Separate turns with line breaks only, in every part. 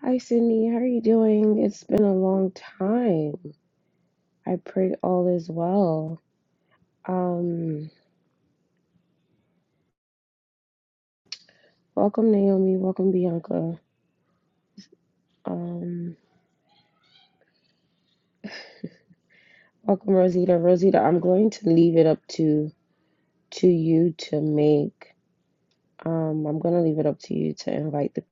Hi, Sydney. How are you doing? It's been a long time. I pray all is well. Um, welcome, Naomi. Welcome, Bianca. Um, welcome, Rosita. Rosita, I'm going to leave it up to to you to make. Um, I'm going to leave it up to you to invite the,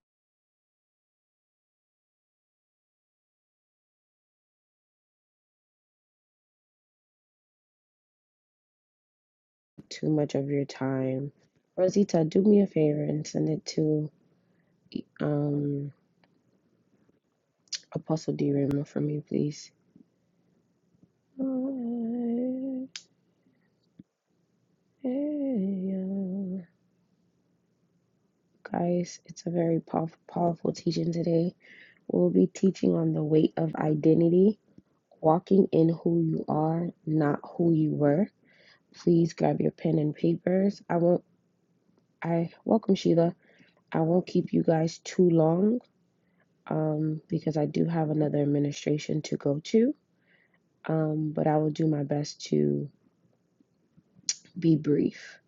too much of your time. Rosita, do me a favor and send it to um Apostle D. Raymond for me, please. Guys, it's a very powerful, powerful teaching today. We'll be teaching on the weight of identity, walking in who you are, not who you were. Please grab your pen and papers. I won't. I welcome Sheila. I won't keep you guys too long, um, because I do have another administration to go to. Um, but I will do my best to be brief.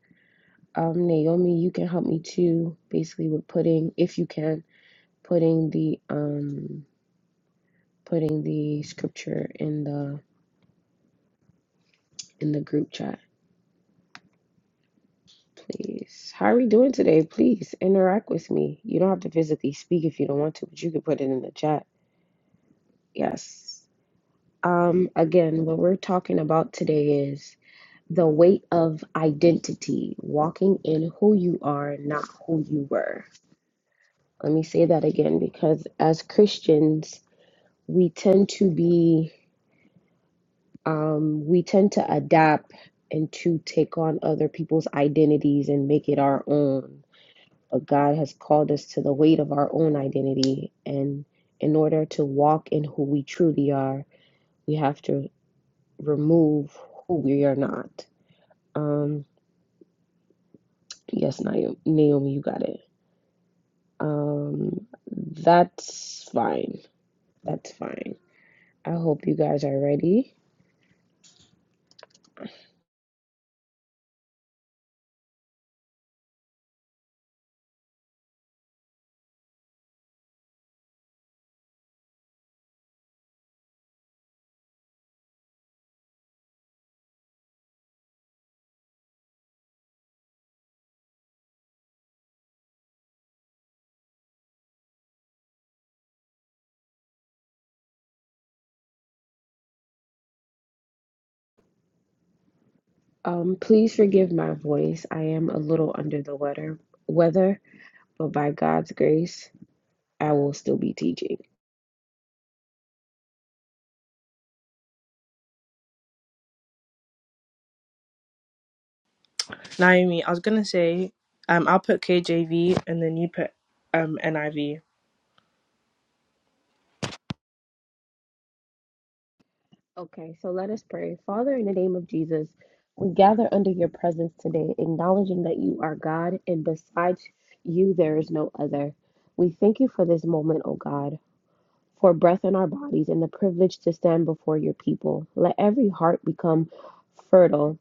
Um, Naomi, you can help me too, basically with putting, if you can, putting the um putting the scripture in the in the group chat, please. How are we doing today? Please interact with me. You don't have to physically speak if you don't want to, but you can put it in the chat. Yes. Um again, what we're talking about today is the weight of identity, walking in who you are, not who you were. Let me say that again because as Christians, we tend to be um, we tend to adapt and to take on other people's identities and make it our own. But God has called us to the weight of our own identity. And in order to walk in who we truly are, we have to remove who we are not. Um, yes, Naomi, Naomi, you got it. Um, that's fine. That's fine. I hope you guys are ready. Um, please forgive my voice. I am a little under the weather. Weather. but by God's grace, I will still be teaching.
Naomi, I was gonna say, um, I'll put KJV and then you put um NIV. I V.
Okay, so let us pray. Father, in the name of Jesus, we gather under your presence today, acknowledging that you are God and besides you, there is no other. We thank you for this moment, O God, for breath in our bodies and the privilege to stand before your people. Let every heart become fertile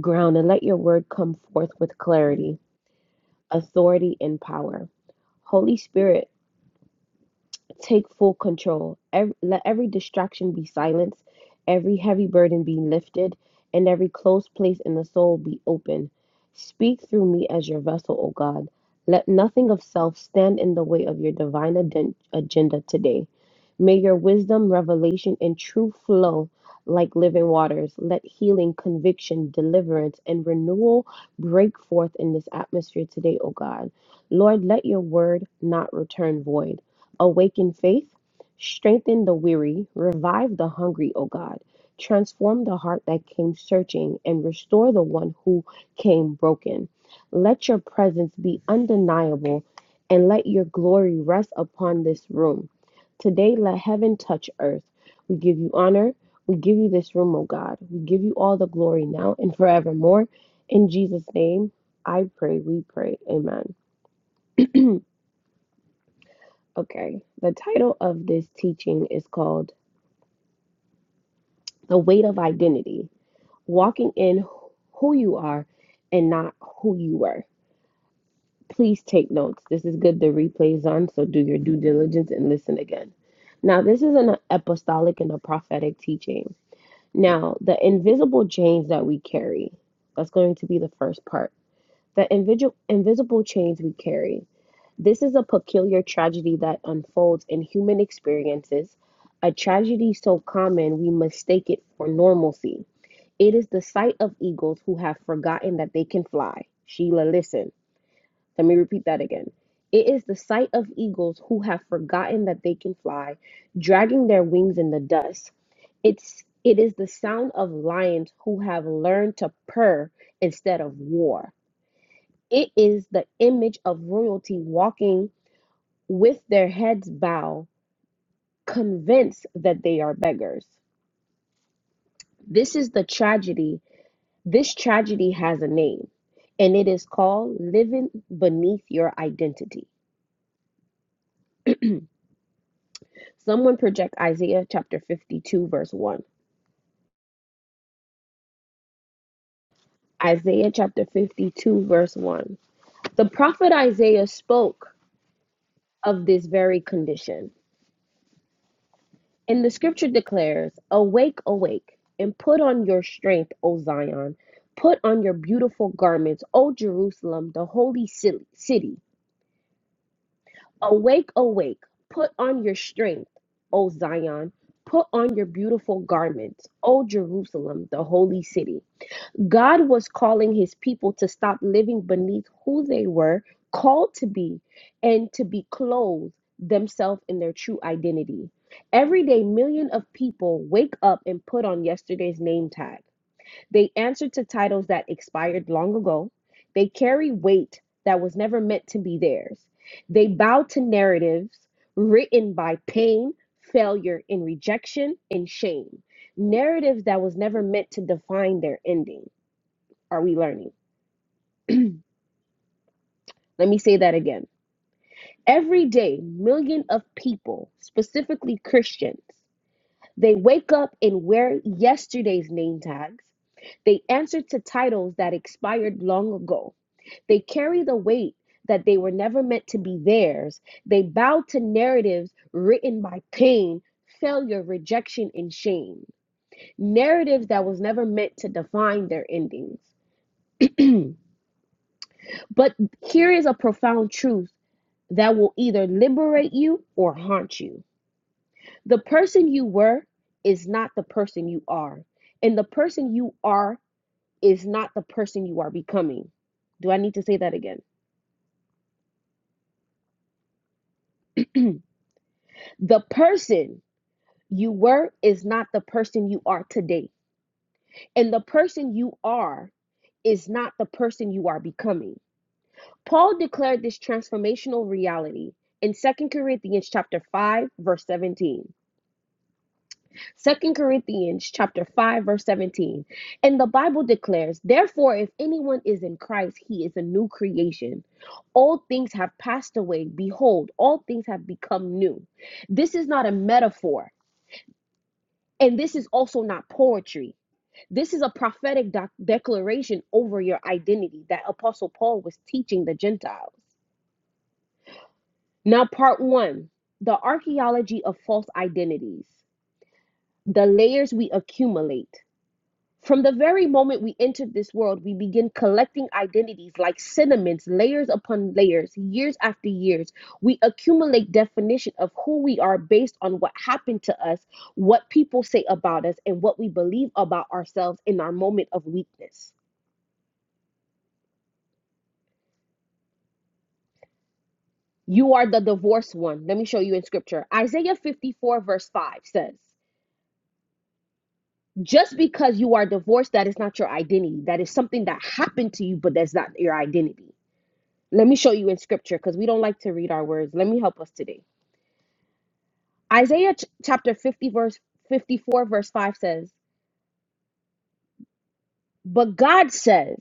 ground and let your word come forth with clarity, authority, and power. Holy Spirit, take full control. Every, let every distraction be silenced, every heavy burden be lifted, and every closed place in the soul be open. Speak through me as your vessel, O God. Let nothing of self stand in the way of your divine aden- agenda today. May your wisdom, revelation, and truth flow like living waters. Let healing, conviction, deliverance, and renewal break forth in this atmosphere today, O God. Lord, let your word not return void. Awaken faith, strengthen the weary, revive the hungry, O God. Transform the heart that came searching and restore the one who came broken. Let your presence be undeniable and let your glory rest upon this room. Today, let heaven touch earth. We give you honor. We give you this room, O God. We give you all the glory now and forevermore. In Jesus' name, I pray, we pray. Amen. Okay, the title of this teaching is called the weight of identity, walking in who you are and not who you were. Please take notes. This is good. The replays on, so do your due diligence and listen again. Now, this is an apostolic and a prophetic teaching. Now, the invisible chains that we carry, that's going to be the first part. The invisible invisible chains we carry. This is a peculiar tragedy that unfolds in human experiences, a tragedy so common we mistake it for normalcy it is the sight of eagles who have forgotten that they can fly. Sheila, listen. Let me repeat that again. It is the sight of eagles who have forgotten that they can fly, dragging their wings in the dust. It's it is the sound of lions who have learned to purr instead of war. It is the image of royalty walking with their heads bowed, convinced that they are beggars. This is the tragedy This tragedy has a name, and it is called living beneath your identity. Someone project Isaiah chapter 52, verse 1. Isaiah chapter 52, verse 1. The prophet Isaiah spoke of this very condition. And the scripture declares, Awake, awake, and put on your strength, O Zion. Put on your beautiful garments, O Jerusalem, the holy city. Awake, awake, put on your strength, O Zion. Put on your beautiful garments, O Jerusalem, the holy city. God was calling his people to stop living beneath who they were called to be and to be clothed themselves in their true identity. Every day, millions of people wake up and put on yesterday's name tag. They answer to titles that expired long ago. They carry weight that was never meant to be theirs. They bow to narratives written by pain, failure, and rejection and shame. Narratives that was never meant to define their ending. Are we learning? Let me say that again. Every day, millions of people, specifically Christians, they wake up and wear yesterday's name tags. They answer to titles that expired long ago. They carry the weight that they were never meant to be theirs. They bow to narratives written by pain, failure, rejection, and shame. Narratives that was never meant to define their endings. but here is a profound truth that will either liberate you or haunt you. The person you were is not the person you are, and the person you are is not the person you are becoming. Do I need to say that again? the person you were is not the person you are today. And the person you are is not the person you are becoming. Paul declared this transformational reality in Second Corinthians chapter 5 verse 17. Second Corinthians chapter 5 verse 17. And the Bible declares, "Therefore if anyone is in Christ, he is a new creation. All things have passed away; behold, all things have become new." This is not a metaphor, and this is also not poetry. This is a prophetic doc- declaration over your identity that Apostle Paul was teaching the Gentiles. Now, part one the archaeology of false identities, the layers we accumulate. From the very moment we entered this world, we begin collecting identities like sentiments, layers upon layers, years after years. We accumulate definition of who we are based on what happened to us, what people say about us, and what we believe about ourselves in our moment of weakness. You are the divorced one. Let me show you in scripture. Isaiah 54, verse 5 says, Just because you are divorced, that is not your identity. That is something that happened to you, but that's not your identity. Let me show you in scripture because we don't like to read our words. Let me help us today. Isaiah ch- chapter 50, verse 54, verse 5 says, But God says,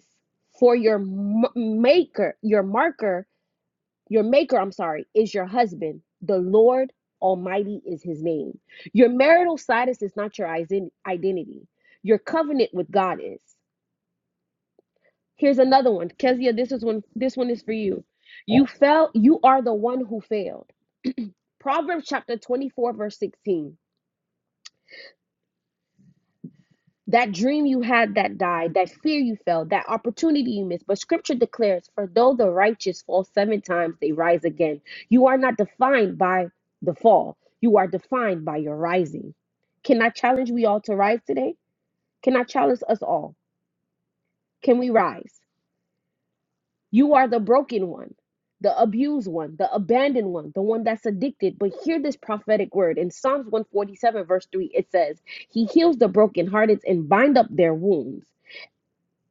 For your m- maker, your marker Your maker, I'm sorry, is your husband. The Lord Almighty is his name. Your marital status is not your isen- identity. Your covenant with God is. Here's another one. Kezia, this is one this one is for you. You fell, you are the one who failed. Proverbs chapter 24 verse 16. that dream you had that died, that fear you felt, that opportunity you missed. But scripture declares, for though the righteous fall seven times, they rise again. You are not defined by the fall, you are defined by your rising. Can I challenge we all to rise today? Can I challenge us all? Can we rise? You are the broken one, the abused one, the abandoned one, the one that's addicted. But hear this prophetic word in Psalms 147, verse 3, it says, He heals the brokenhearted and bind up their wounds.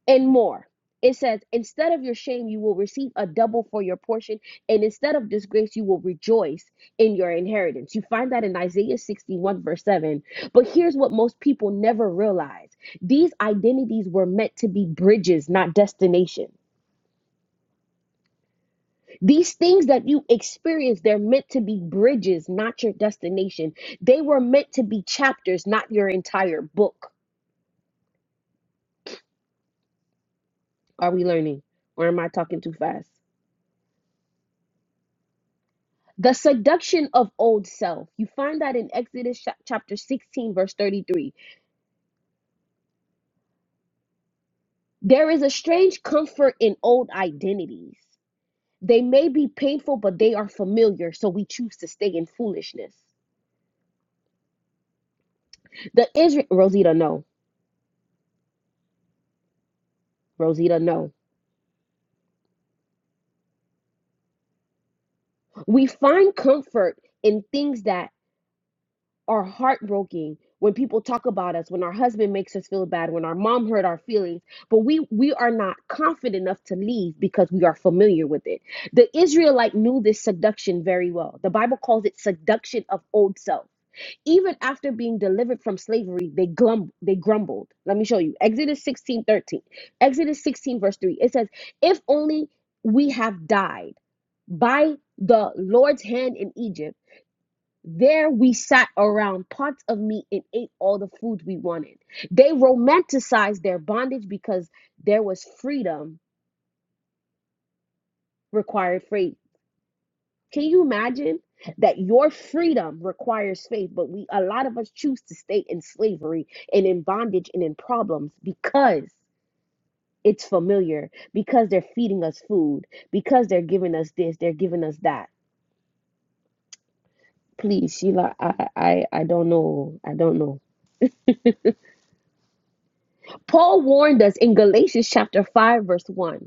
and more. It says, instead of your shame, you will receive a double for your portion, and instead of disgrace, you will rejoice in your inheritance. You find that in Isaiah 61, verse 7. But here's what most people never realize these identities were meant to be bridges, not destination. These things that you experience, they're meant to be bridges, not your destination. They were meant to be chapters, not your entire book. Are we learning? Or am I talking too fast? The seduction of old self. You find that in Exodus chap- chapter 16, verse 33. There is a strange comfort in old identities. They may be painful, but they are familiar, so we choose to stay in foolishness. The Israel, Rosita, no. Rosita, no. We find comfort in things that are heartbroken when people talk about us, when our husband makes us feel bad, when our mom hurt our feelings, but we we are not confident enough to leave because we are familiar with it. The Israelite knew this seduction very well. The Bible calls it seduction of old self. Even after being delivered from slavery, they glum they grumbled. Let me show you. Exodus 16 13. Exodus 16, verse 3. It says, If only we have died by the Lord's hand in Egypt there we sat around pots of meat and ate all the food we wanted. They romanticized their bondage because there was freedom required faith. Can you imagine that your freedom requires faith, but we a lot of us choose to stay in slavery and in bondage and in problems because it's familiar, because they're feeding us food, because they're giving us this, they're giving us that. Please, Sheila, I I I don't know. I don't know. Paul warned us in Galatians chapter 5, verse 1.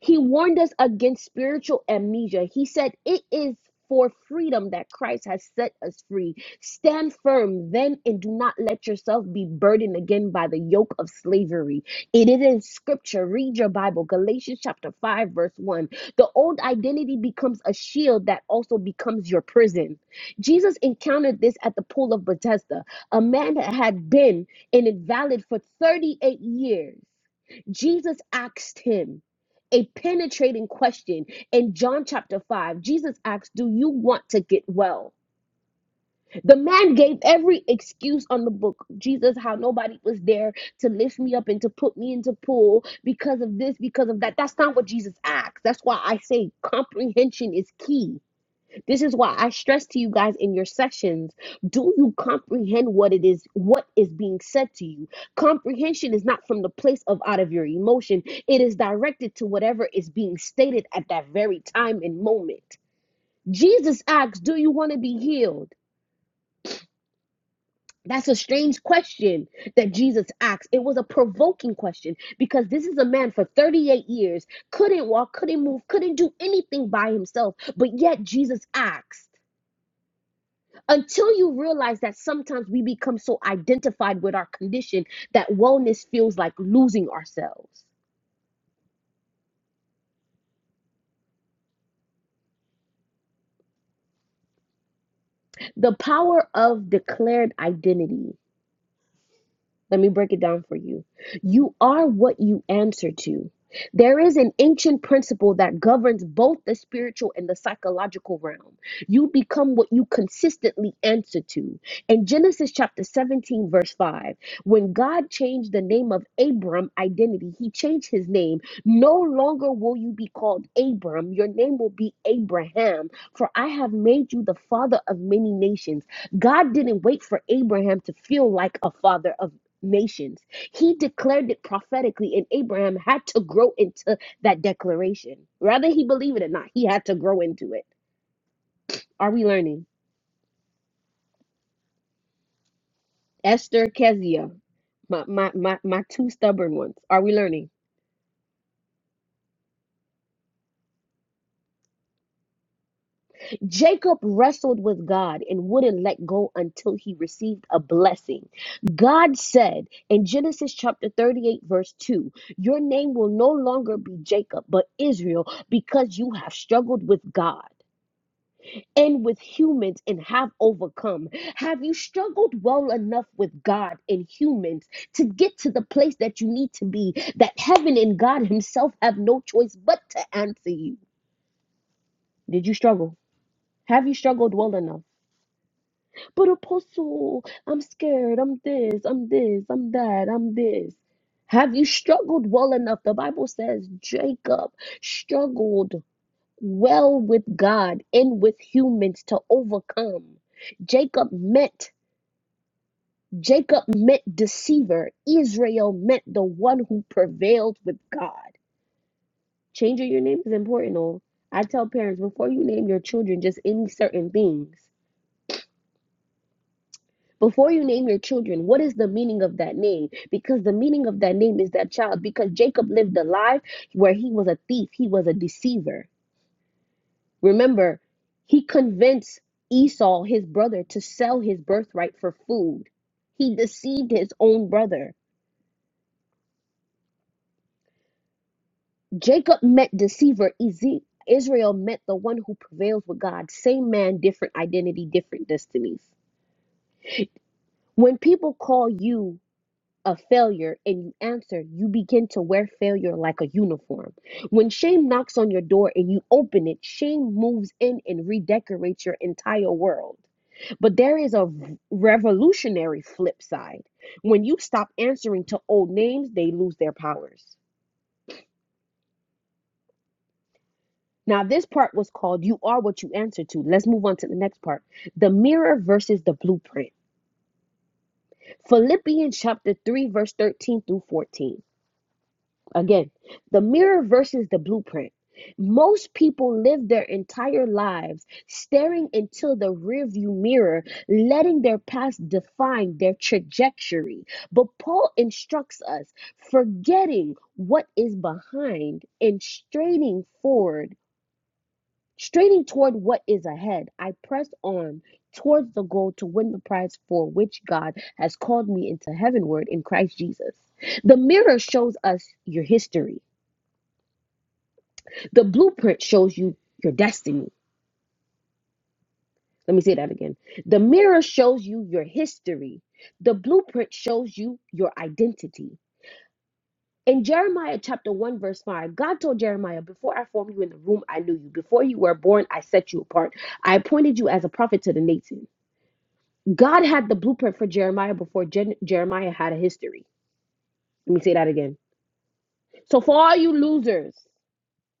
He warned us against spiritual amnesia. He said, It is for freedom that Christ has set us free. Stand firm then and do not let yourself be burdened again by the yoke of slavery. It is in scripture. Read your Bible, Galatians chapter 5, verse 1. The old identity becomes a shield that also becomes your prison. Jesus encountered this at the pool of Bethesda. A man that had been an invalid for 38 years. Jesus asked him a penetrating question in John chapter 5. Jesus asked, Do you want to get well? The man gave every excuse on the book. Jesus, how nobody was there to lift me up and to put me into pool because of this, because of that. That's not what Jesus asked. That's why I say comprehension is key this is why I stress to you guys in your sessions, do you comprehend what it is what is being said to you? Comprehension is not from the place of out of your emotion. It is directed to whatever is being stated at that very time and moment. Jesus asks, "Do you want to be healed?" That's a strange question that Jesus asked. It was a provoking question because this is a man for 38 years, couldn't walk, couldn't move, couldn't do anything by himself, but yet Jesus asks. until you realize that sometimes we become so identified with our condition that wellness feels like losing ourselves. The power of declared identity. Let me break it down for you. You are what you answer to. There is an ancient principle that governs both the spiritual and the psychological realm. You become what you consistently answer to. In Genesis chapter 17, verse 5, when God changed the name of Abram identity, he changed his name. No longer will you be called Abram, your name will be Abraham, for I have made you the father of many nations. God didn't wait for Abraham to feel like a father of nations. He declared it prophetically, and Abraham had to grow into that declaration. Whether he believed it or not, he had to grow into it. Are we learning? Esther Kezia, my, my, my, my two stubborn ones. Are we learning? Jacob wrestled with God and wouldn't let go until he received a blessing. God said in Genesis chapter 38, verse 2, Your name will no longer be Jacob, but Israel, because you have struggled with God. and with humans and have overcome? Have you struggled well enough with God and humans to get to the place that you need to be, that heaven and God Himself have no choice but to answer you? Did you struggle? Have you struggled well enough? But, Apostle, I'm scared. I'm this, I'm this, I'm that, I'm this. Have you struggled well enough? The Bible says Jacob struggled well with God and with humans to overcome. Jacob meant Jacob meant deceiver. Israel meant the one who prevailed with God. Changing your name is important. All I tell parents before you name your children just any certain things. Before you name your children, what is the meaning of that name? Because the meaning of that name is that child. Because Jacob lived a life where he was a thief, he was a deceiver. Remember, he convinced Esau, his brother, to sell his birthright for food. He deceived his own brother. Jacob meant deceiver. Eze- Israel meant the one who prevails with God. Same man, different identity, different destinies. When people call you a failure and you answer, you begin to wear failure like a uniform. When shame knocks on your door and you open it, shame moves in and redecorates your entire world. But there is a revolutionary flip side. When you stop answering to old names, they lose their powers. Now, this part was called You Are What You Answer to. Let's move on to the next part the mirror versus the blueprint. Philippians chapter 3, verse 13 through 14. Again, the mirror versus the blueprint. Most people live their entire lives staring into the rearview mirror, letting their past define their trajectory. But Paul instructs us forgetting what is behind and straining forward, straining toward what is ahead. I press on towards the goal to win the prize for which God has called me into heavenward in Christ Jesus. The mirror shows us your history. The blueprint shows you your destiny. Let me say that again. The mirror shows you your history. The blueprint shows you your identity. In Jeremiah chapter 1, verse 5, God told Jeremiah, Before I formed you in the womb, I knew you. Before you were born, I set you apart. I appointed you as a prophet to the nations. God had the blueprint for Jeremiah before Jen- Jeremiah had a history. Let me say that again. So, for all you losers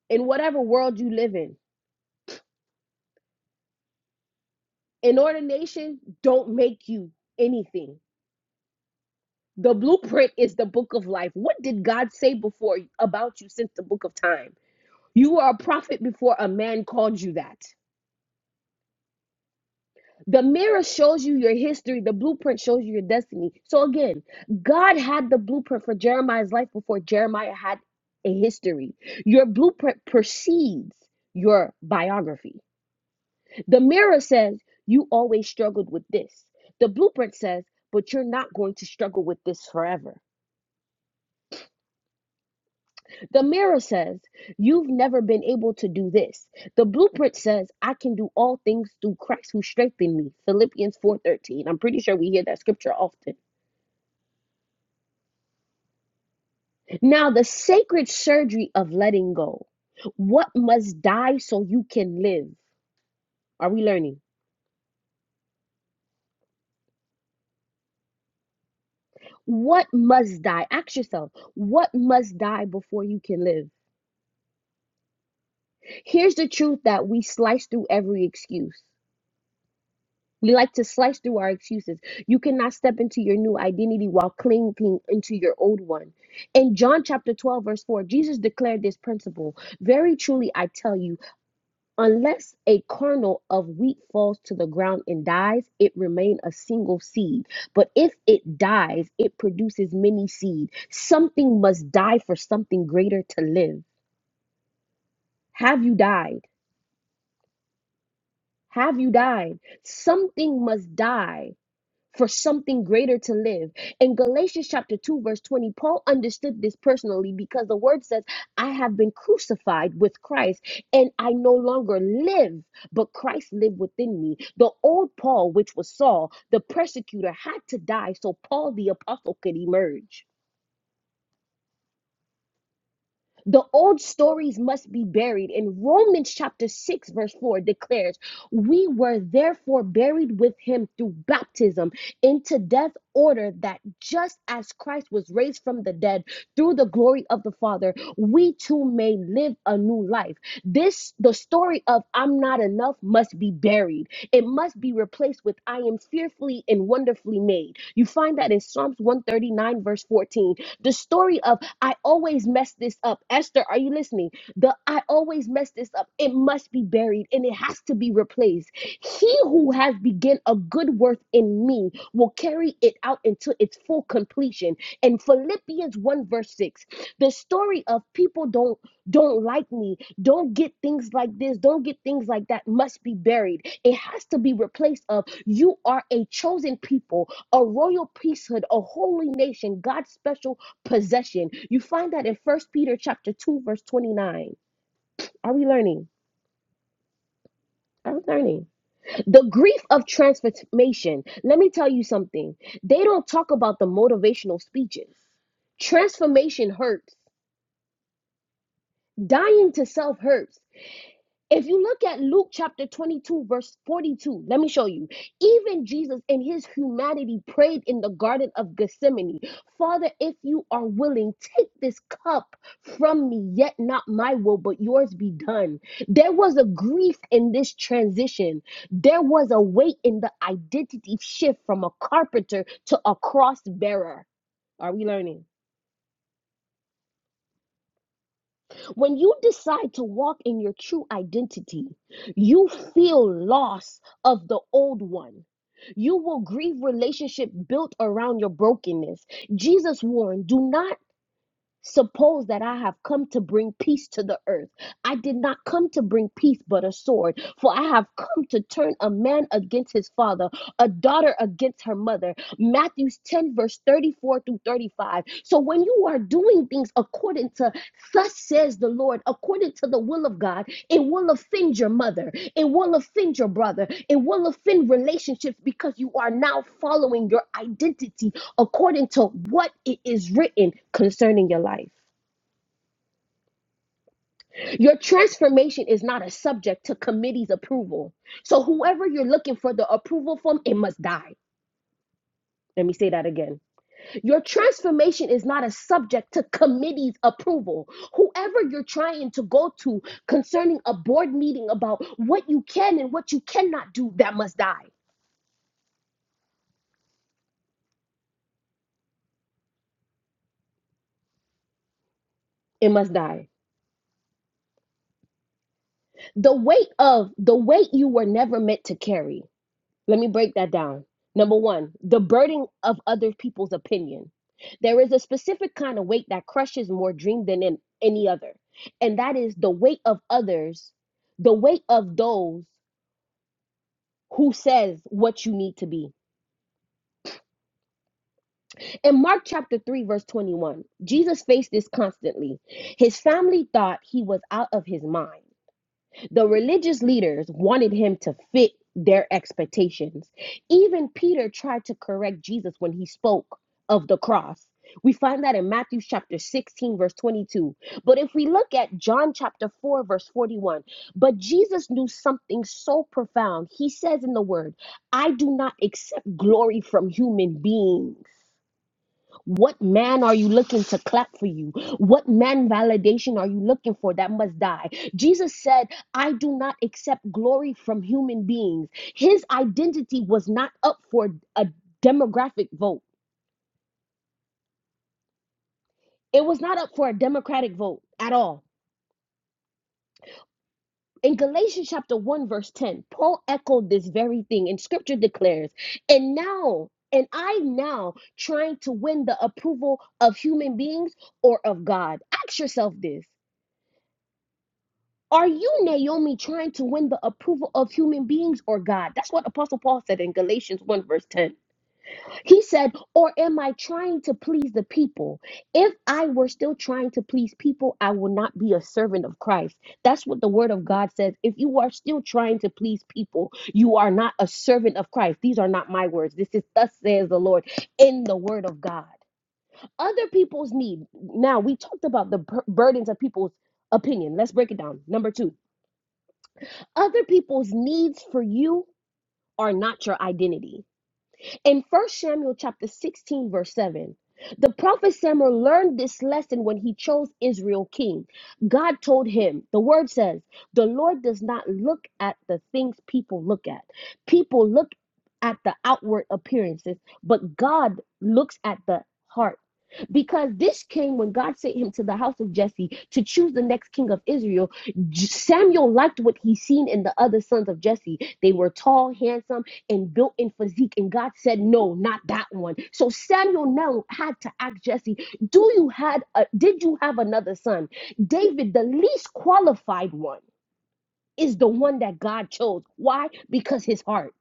in whatever world you live in, inordination don't make you anything. The blueprint is the book of life. What did God say before about you since the book of time? You were a prophet before a man called you that. The mirror shows you your history, the blueprint shows you your destiny. So again, God had the blueprint for Jeremiah's life before Jeremiah had a history. Your blueprint precedes your biography. The mirror says you always struggled with this. The blueprint says, but you're not going to struggle with this forever. The mirror says, You've never been able to do this. The blueprint says, I can do all things through Christ who strengthened me. Philippians 4:13. I'm pretty sure we hear that scripture often. Now, the sacred surgery of letting go. What must die so you can live? Are we learning? What must die? Ask yourself, what must die before you can live? Here's the truth that we slice through every excuse. We like to slice through our excuses. You cannot step into your new identity while clinging into your old one. In John chapter 12, verse 4, Jesus declared this principle Very truly, I tell you, unless a kernel of wheat falls to the ground and dies, it remains a single seed. But if it dies, it produces many seed. Something must die for something greater to live. Have you died? Have you died? Something must die for something greater to live. In Galatians chapter 2, verse 20, Paul understood this personally because the word says, I have been crucified with Christ, and I no longer live, but Christ lived within me. The old Paul, which was Saul, the persecutor, had to die so Paul the apostle could emerge. The old stories must be buried. In Romans chapter 6, verse 4 declares, We were therefore buried with him through baptism into death, order that just as Christ was raised from the dead through the glory of the Father, we too may live a new life. This, the story of I'm not enough, must be buried. It must be replaced with I am fearfully and wonderfully made. You find that in Psalms 139, verse 14. The story of I always mess this up. Esther, are you listening? The I always mess this up. It must be buried and it has to be replaced. He who has begun a good work in me will carry it out until its full completion. And Philippians 1 verse 6, the story of people don't don't like me, don't get things like this, don't get things like that must be buried. It has to be replaced of you are a chosen people, a royal priesthood, a holy nation, God's special possession. You find that in First Peter chapter 2 verse 29. Are we learning? Are we learning? The grief of transformation. Let me tell you something. They don't talk about the motivational speeches. Transformation hurts. Dying to self hurts If you look at Luke chapter 22, verse 42, let me show you. Even Jesus in his humanity prayed in the Garden of Gethsemane Father, if you are willing, take this cup from me, yet not my will, but yours be done. There was a grief in this transition, there was a weight in the identity shift from a carpenter to a cross bearer. Are we learning? When you decide to walk in your true identity, you feel loss of the old one. You will grieve relationship built around your brokenness. Jesus warned, do not Suppose that I have come to bring peace to the earth. I did not come to bring peace, but a sword. For I have come to turn a man against his father, a daughter against her mother. Matthew 10, verse 34 through 35. So when you are doing things according to thus says the Lord, according to the will of God, it will offend your mother, it will offend your brother, it will offend relationships because you are now following your identity according to what it is written concerning your life. Your transformation is not a subject to committee's approval. So, whoever you're looking for the approval from, it must die. Let me say that again. Your transformation is not a subject to committee's approval. Whoever you're trying to go to concerning a board meeting about what you can and what you cannot do, that must die. It must die. The weight of the weight you were never meant to carry. Let me break that down. Number one, the burden of other people's opinion. There is a specific kind of weight that crushes more dream than in any other, and that is the weight of others, the weight of those who says what you need to be. In Mark chapter 3 verse 21, Jesus faced this constantly. His family thought he was out of his mind. The religious leaders wanted him to fit their expectations. Even Peter tried to correct Jesus when he spoke of the cross. We find that in Matthew chapter 16, verse 22. But if we look at John chapter 4, verse 41, but Jesus knew something so profound. He says in the word, I do not accept glory from human beings. What man are you looking to clap for you? What man validation are you looking for that must die? Jesus said, I do not accept glory from human beings. His identity was not up for a demographic vote, it was not up for a democratic vote at all. In Galatians chapter 1, verse 10, Paul echoed this very thing, and scripture declares, and now, and I now trying to win the approval of human beings or of God. Ask yourself this Are you, Naomi, trying to win the approval of human beings or God? That's what Apostle Paul said in Galatians 1, verse 10. He said, Or am I trying to please the people? If I were still trying to please people, I would not be a servant of Christ. That's what the word of God says. If you are still trying to please people, you are not a servant of Christ. These are not my words. This is thus says the Lord in the word of God. Other people's need. Now, we talked about the bur- burdens of people's opinion. Let's break it down. Number two other people's needs for you are not your identity. In 1 Samuel chapter 16, verse 7, the prophet Samuel learned this lesson when he chose Israel king. God told him, the word says, the Lord does not look at the things people look at. People look at the outward appearances, but God looks at the heart. Because this came when God sent him to the house of Jesse to choose the next king of Israel. Samuel liked what he seen in the other sons of Jesse. They were tall, handsome, and built in physique. And God said, No, not that one. So Samuel now had to ask Jesse, Do you had a, did you have another son? David, the least qualified one. Is the one that God chose. Why? Because his heart.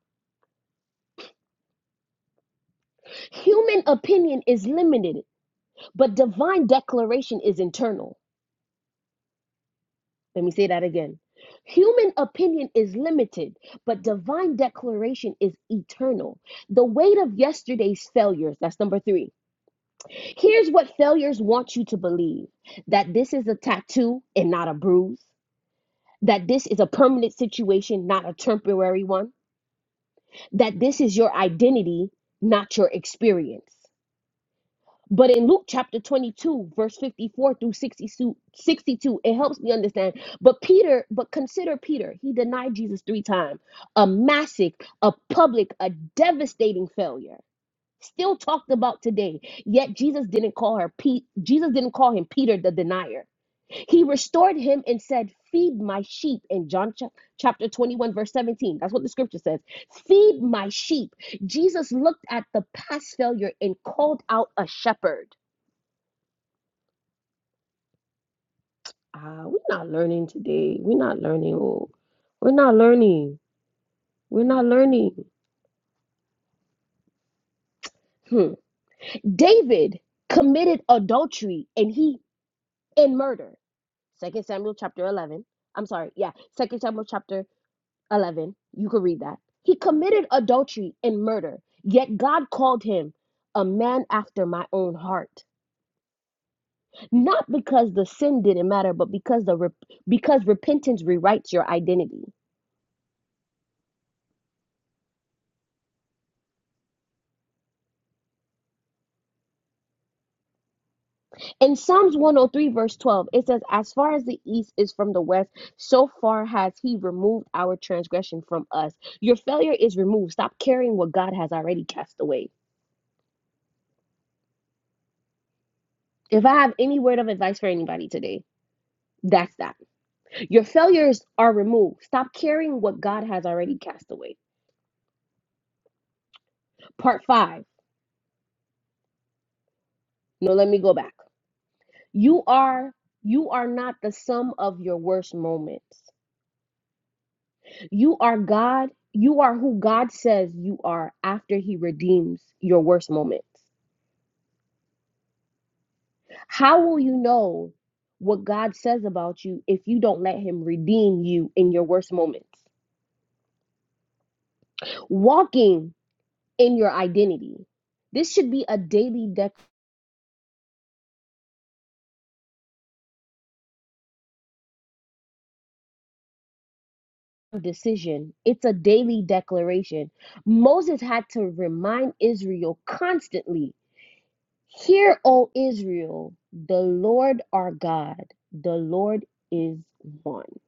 Human opinion is limited, but divine declaration is internal. Let me say that again. Human opinion is limited, but divine declaration is eternal. The weight of yesterday's failures, that's number three Here's what failures want you to believe that this is a tattoo and not a bruise, that this is a permanent situation, not a temporary one, that this is your identity, not your experience. But in Luke chapter 22, verse 54 through 62, it helps me understand. But Peter, but consider Peter, he denied Jesus three times, a massive, a public, a devastating failure still talked about today. Yet Jesus didn't call her Pete. Jesus didn't call him Peter the denier. He restored him and said, Feed my sheep in John chap- chapter 21, verse 17. That's what the scripture says. Feed my sheep. Jesus looked at the past failure and called out a shepherd. Ah, we're not learning today. We're not learning. Oh, we're not learning. We're not learning. Hmm. David committed adultery and he in murder. Second Samuel chapter 11. I'm sorry. Yeah. Second Samuel chapter 11. You could read that. He committed adultery and murder, yet God called him a man after my own heart. Not because the sin didn't matter, but because the rep- because repentance rewrites your identity. In Psalms 103 verse 12, it says, "As far as the east is from the west, so far has he removed our transgression from us." Your failure is removed. Stop carrying what God has already cast away. If I have any word of advice for anybody today, that's that. Your failures are removed. Stop carrying what God has already cast away. Part 5. No, let me go back. You are you are not the sum of your worst moments. You are God. You are who God says you are after he redeems your worst moments. How will you know what God says about you if you don't let him redeem you in your worst moments? Walking in your identity. This should be a daily dec- decision. It's a daily declaration. Moses had to remind Israel constantly Hear, O Israel, the Lord our God, the Lord is one.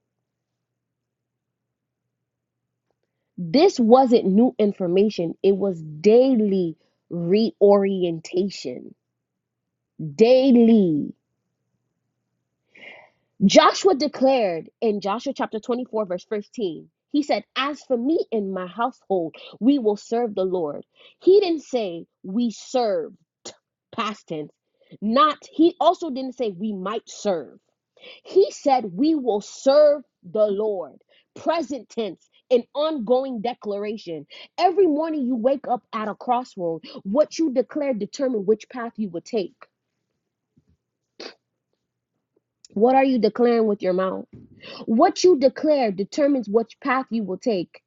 This wasn't new information, it was daily reorientation. Daily. Joshua declared in Joshua chapter 24, verse 15, he said, As for me and my household, we will serve the Lord. He didn't say we serve, past tense. Not, he also didn't say we might serve. He said we will serve the Lord, present tense. An ongoing declaration. Every morning you wake up at a crossroad. What you declare determine which path you will take. What are you declaring with your mouth? What you declare determines which path you will take.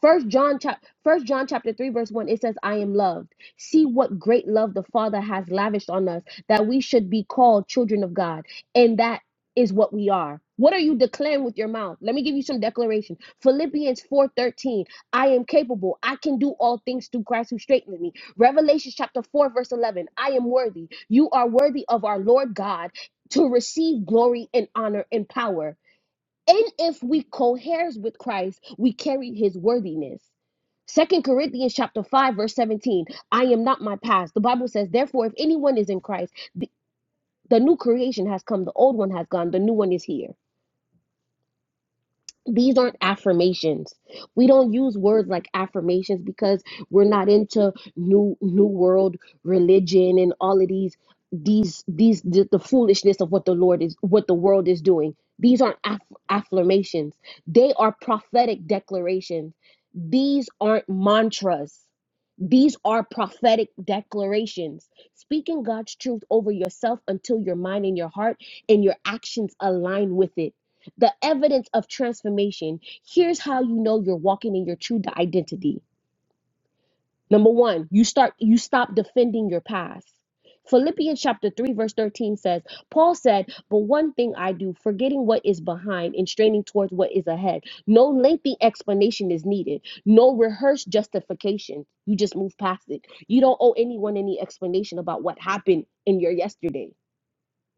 First John chap First John chapter 3 verse 1 it says I am loved. See what great love the Father has lavished on us that we should be called children of God and that is what we are. What are you declaring with your mouth? Let me give you some declaration. Philippians 4:13 I am capable. I can do all things through Christ who strengthens me. Revelation chapter 4 verse 11 I am worthy. You are worthy of our Lord God to receive glory and honor and power. And if we coheres with Christ, we carry his worthiness. Second Corinthians chapter 5, verse 17. I am not my past. The Bible says, therefore, if anyone is in Christ, the, the new creation has come, the old one has gone, the new one is here these aren't affirmations we don't use words like affirmations because we're not into new new world religion and all of these these these the, the foolishness of what the lord is what the world is doing these aren't aff- affirmations they are prophetic declarations these aren't mantras these are prophetic declarations, speaking God's truth over yourself until your mind and your heart and your actions align with it. The evidence of transformation. Here's how you know you're walking in your true identity. Number one, you start you stop defending your past. Philippians chapter 3, verse 13 says, Paul said, But one thing I do, forgetting what is behind and straining towards what is ahead. No lengthy explanation is needed, no rehearsed justification. You just move past it. You don't owe anyone any explanation about what happened in your yesterday.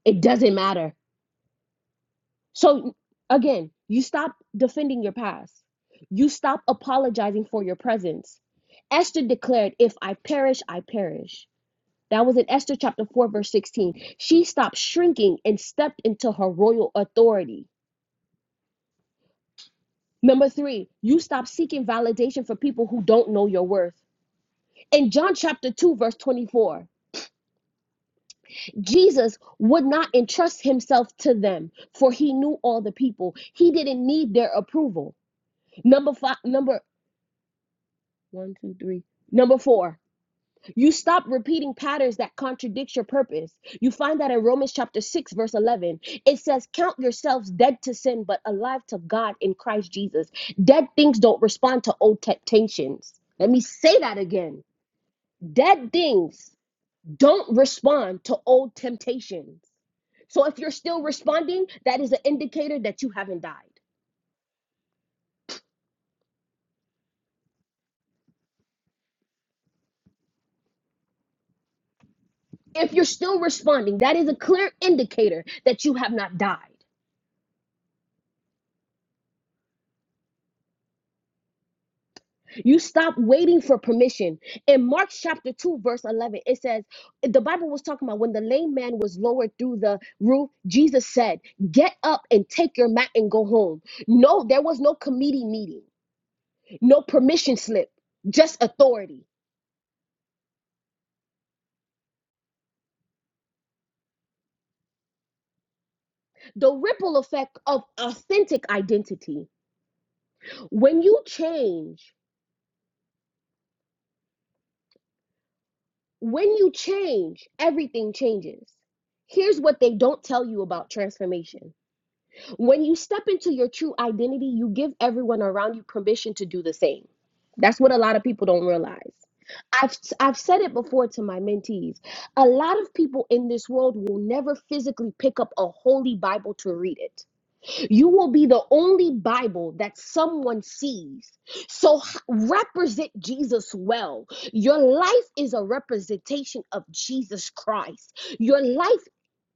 It doesn't matter. So again, you stop defending your past. You stop apologizing for your presence. Esther declared, If I perish, I perish. That was in Esther chapter 4, verse 16. She stopped shrinking and stepped into her royal authority. Number three, you stop seeking validation for people who don't know your worth. In John chapter 2, verse 24, Jesus would not entrust himself to them, for he knew all the people. He didn't need their approval. Number five, number One, two, three. Number four, you stop repeating patterns that contradict your purpose. You find that in Romans chapter 6, verse 11, it says, Count yourselves dead to sin, but alive to God in Christ Jesus. Dead things don't respond to old temptations. Let me say that again. Dead things don't respond to old temptations. So if you're still responding, that is an indicator that you haven't died. If you're still responding, that is a clear indicator that you have not died. You stop waiting for permission. In Mark chapter 2, verse 11, it says, The Bible was talking about when the lame man was lowered through the roof, Jesus said, Get up and take your mat and go home. No, there was no committee meeting, no permission slip, just authority. The ripple effect of authentic identity. When you change, when you change, everything changes. Here's what they don't tell you about transformation When you step into your true identity, you give everyone around you permission to do the same. That's what a lot of people don't realize. I've I've said it before to my mentees. A lot of people in this world will never physically pick up a holy Bible to read it you will be the only Bible that someone sees. So represent Jesus well. Your life is a representation of Jesus Christ. Your life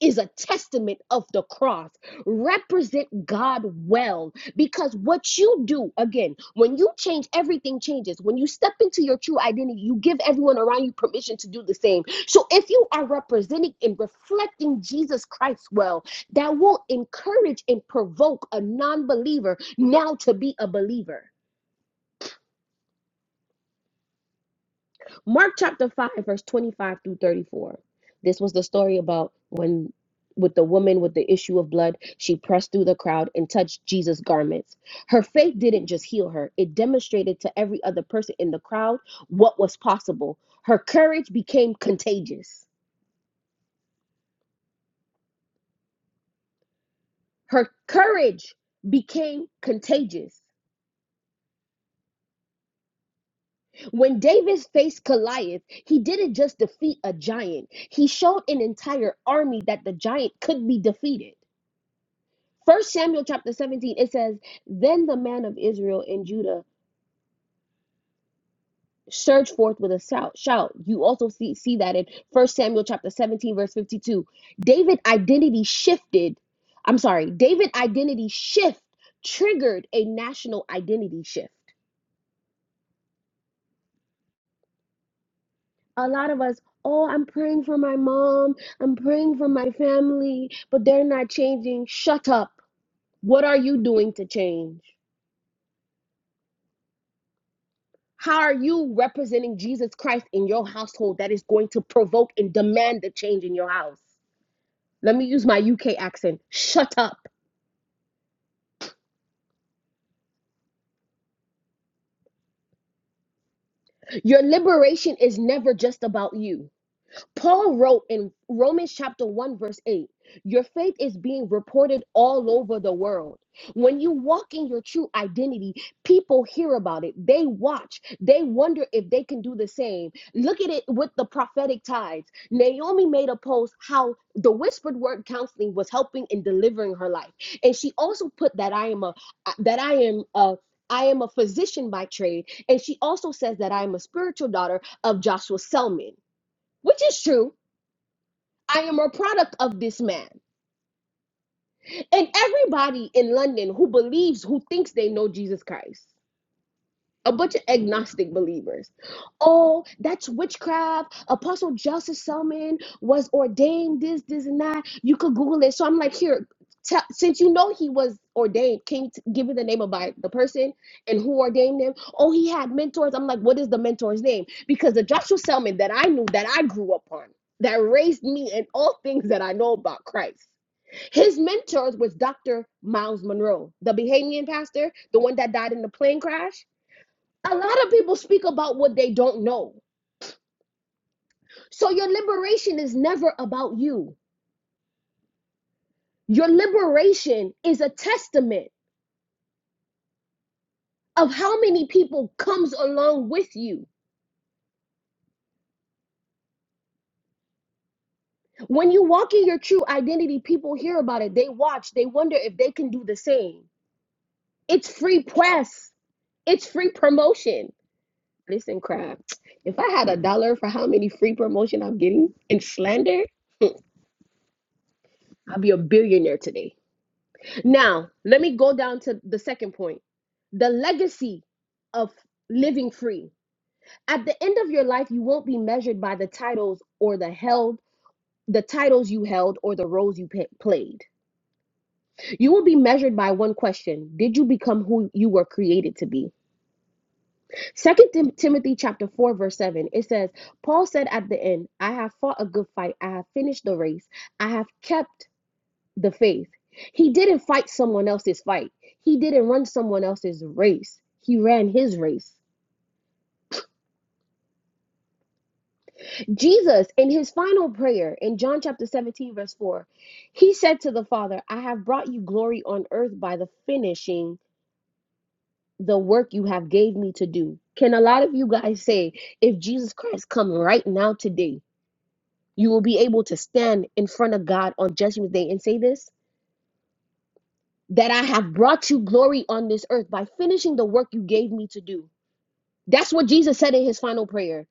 is a testament of the cross. Represent God well because what you do, again, when you change, everything changes. When you step into your true identity, you give everyone around you permission to do the same. So if you are representing and reflecting Jesus Christ well, that will encourage and provoke a non believer now to be a believer. Mark chapter 5, verse 25 through 34. This was the story about when, with the woman with the issue of blood, she pressed through the crowd and touched Jesus' garments. Her faith didn't just heal her, it demonstrated to every other person in the crowd what was possible. Her courage became contagious. Her courage became contagious. When David faced Goliath, he didn't just defeat a giant, he showed an entire army that the giant could be defeated. First Samuel chapter 17, it says, Then the man of Israel and Judah surged forth with a shout. shout. You also see, see that in First Samuel chapter 17, verse 52. David identity shifted. I'm sorry, David identity shift triggered a national identity shift. a lot of us, oh, I'm praying for my mom, I'm praying for my family, but they're not changing. Shut up. What are you doing to change? How are you representing Jesus Christ in your household that is going to provoke and demand the change in your house? Let me use my UK accent. Shut up. Your liberation is never just about you. Paul wrote in Romans chapter 1, verse 8, your faith is being reported all over the world. When you walk in your true identity, people hear about it. They watch. They wonder if they can do the same. Look at it with the prophetic tides. Naomi made a post how the whispered word counseling was helping and delivering her life. And she also put that I am a uh, that I am a I am a physician by trade. And she also says that I am a spiritual daughter of Joshua Selman, which is true. I am a product of this man. And everybody in London who believes, who thinks they know Jesus Christ, a bunch of agnostic believers. Oh, that's witchcraft. Apostle Joseph Selman was ordained this, this, and that. You could Google it. So I'm like, here, tell, since you know he was ordained, can you t- give me the name of by the person and who ordained him? Oh, he had mentors. I'm like, what is the mentor's name? Because the Joshua Selman that I knew, that I grew up on, that raised me in all things that I know about Christ his mentors was Dr. Miles Monroe, the Bahamian pastor, the one that died in the plane crash. A lot of people speak about what they don't know. So your liberation is never about you. Your liberation is a testament of how many people comes along with you. When you walk in your true identity, people hear about it. They watch, they wonder if they can do the same. It's free press. It's free promotion. Listen, crap. If I had a dollar for how many free promotion I'm getting in slander, I'd be a billionaire today. Now, let me go down to the second point. The legacy of living free. At the end of your life, you won't be measured by the titles or the held the titles you held or the roles you played. You will be measured by one question. Did you become who you were created to be? Second Timothy chapter 4 verse 7 it says Paul said at the end I have fought a good fight I have finished the race I have kept the faith he didn't fight someone else's fight he didn't run someone else's race he ran his race Jesus in his final prayer in John chapter 17 verse 4 he said to the father I have brought you glory on earth by the finishing the work you have gave me to do can a lot of you guys say if Jesus Christ come right now today You will be able to stand in front of God on Judgment Day and say this that I have brought you glory on this earth by finishing the work you gave me to do. That's what Jesus said in his final prayer.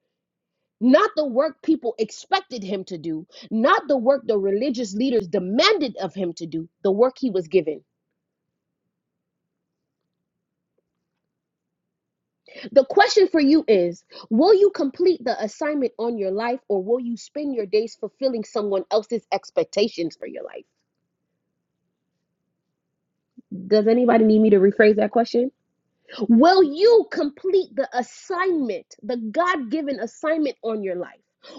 Not the work people expected him to do, not the work the religious leaders demanded of him to do, the work he was given. The question for you is Will you complete the assignment on your life or will you spend your days fulfilling someone else's expectations for your life? Does anybody need me to rephrase that question? Will you complete the assignment, the God given assignment on your life?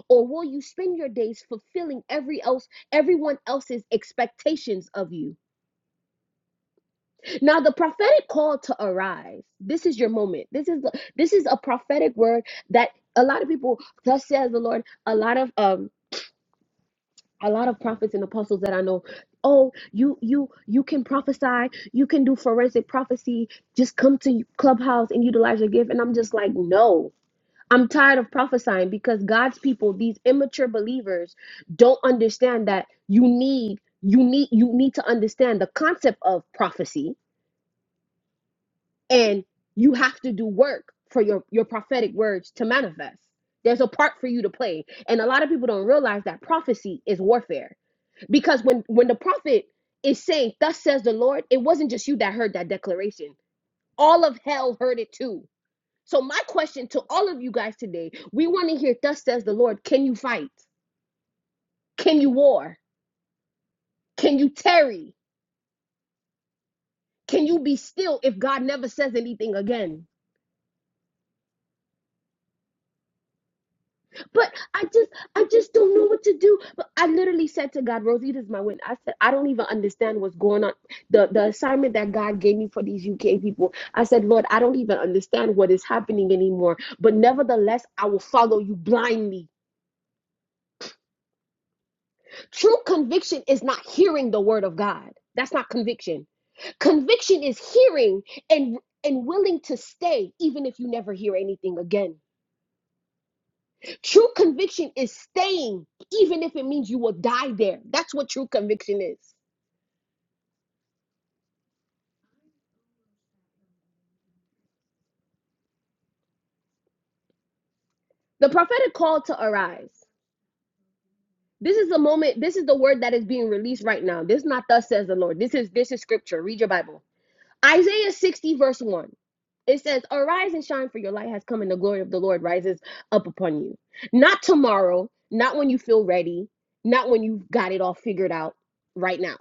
Or will you spend your days fulfilling every else, everyone else's expectations of you? Now, the prophetic call to arise. This is your moment. This is this is a prophetic word that a lot of people, thus says the Lord, a lot of um a lot of prophets and apostles that I know, oh, you you you can prophesy, you can do forensic prophecy, just come to Clubhouse and utilize your gift. And I'm just like, no. I'm tired of prophesying because God's people, these immature believers, don't understand that you need you need you need to understand the concept of prophecy and you have to do work for your your prophetic words to manifest. There's a part for you to play. And a lot of people don't realize that prophecy is warfare. Because when when the prophet is saying, "Thus says the Lord," it wasn't just you that heard that declaration. All of hell heard it too so, my question to all of you guys today we want to hear, Thus says the Lord, can you fight? Can you war? Can you tarry? Can you be still if God never says anything again? But I just, I just don't know what to do. But I literally said to God, Rosita's my witness. I said, I don't even understand what's going on. The the assignment that God gave me for these UK people. I said, Lord, I don't even understand what is happening anymore. But nevertheless, I will follow you blindly. True conviction is not hearing the word of God. That's not conviction. Conviction is hearing and and willing to stay even if you never hear anything again. True conviction is staying even if it means you will die there. That's what true conviction is. The prophetic call to arise. This is the moment, this is the word that is being released right now. This is not thus says the Lord. This is this is scripture. Read your Bible. Isaiah 60, verse 1. It says, Arise and shine, for your light has come, and the glory of the Lord rises up upon you. Not tomorrow, not when you feel ready, not when you've got it all figured out right now.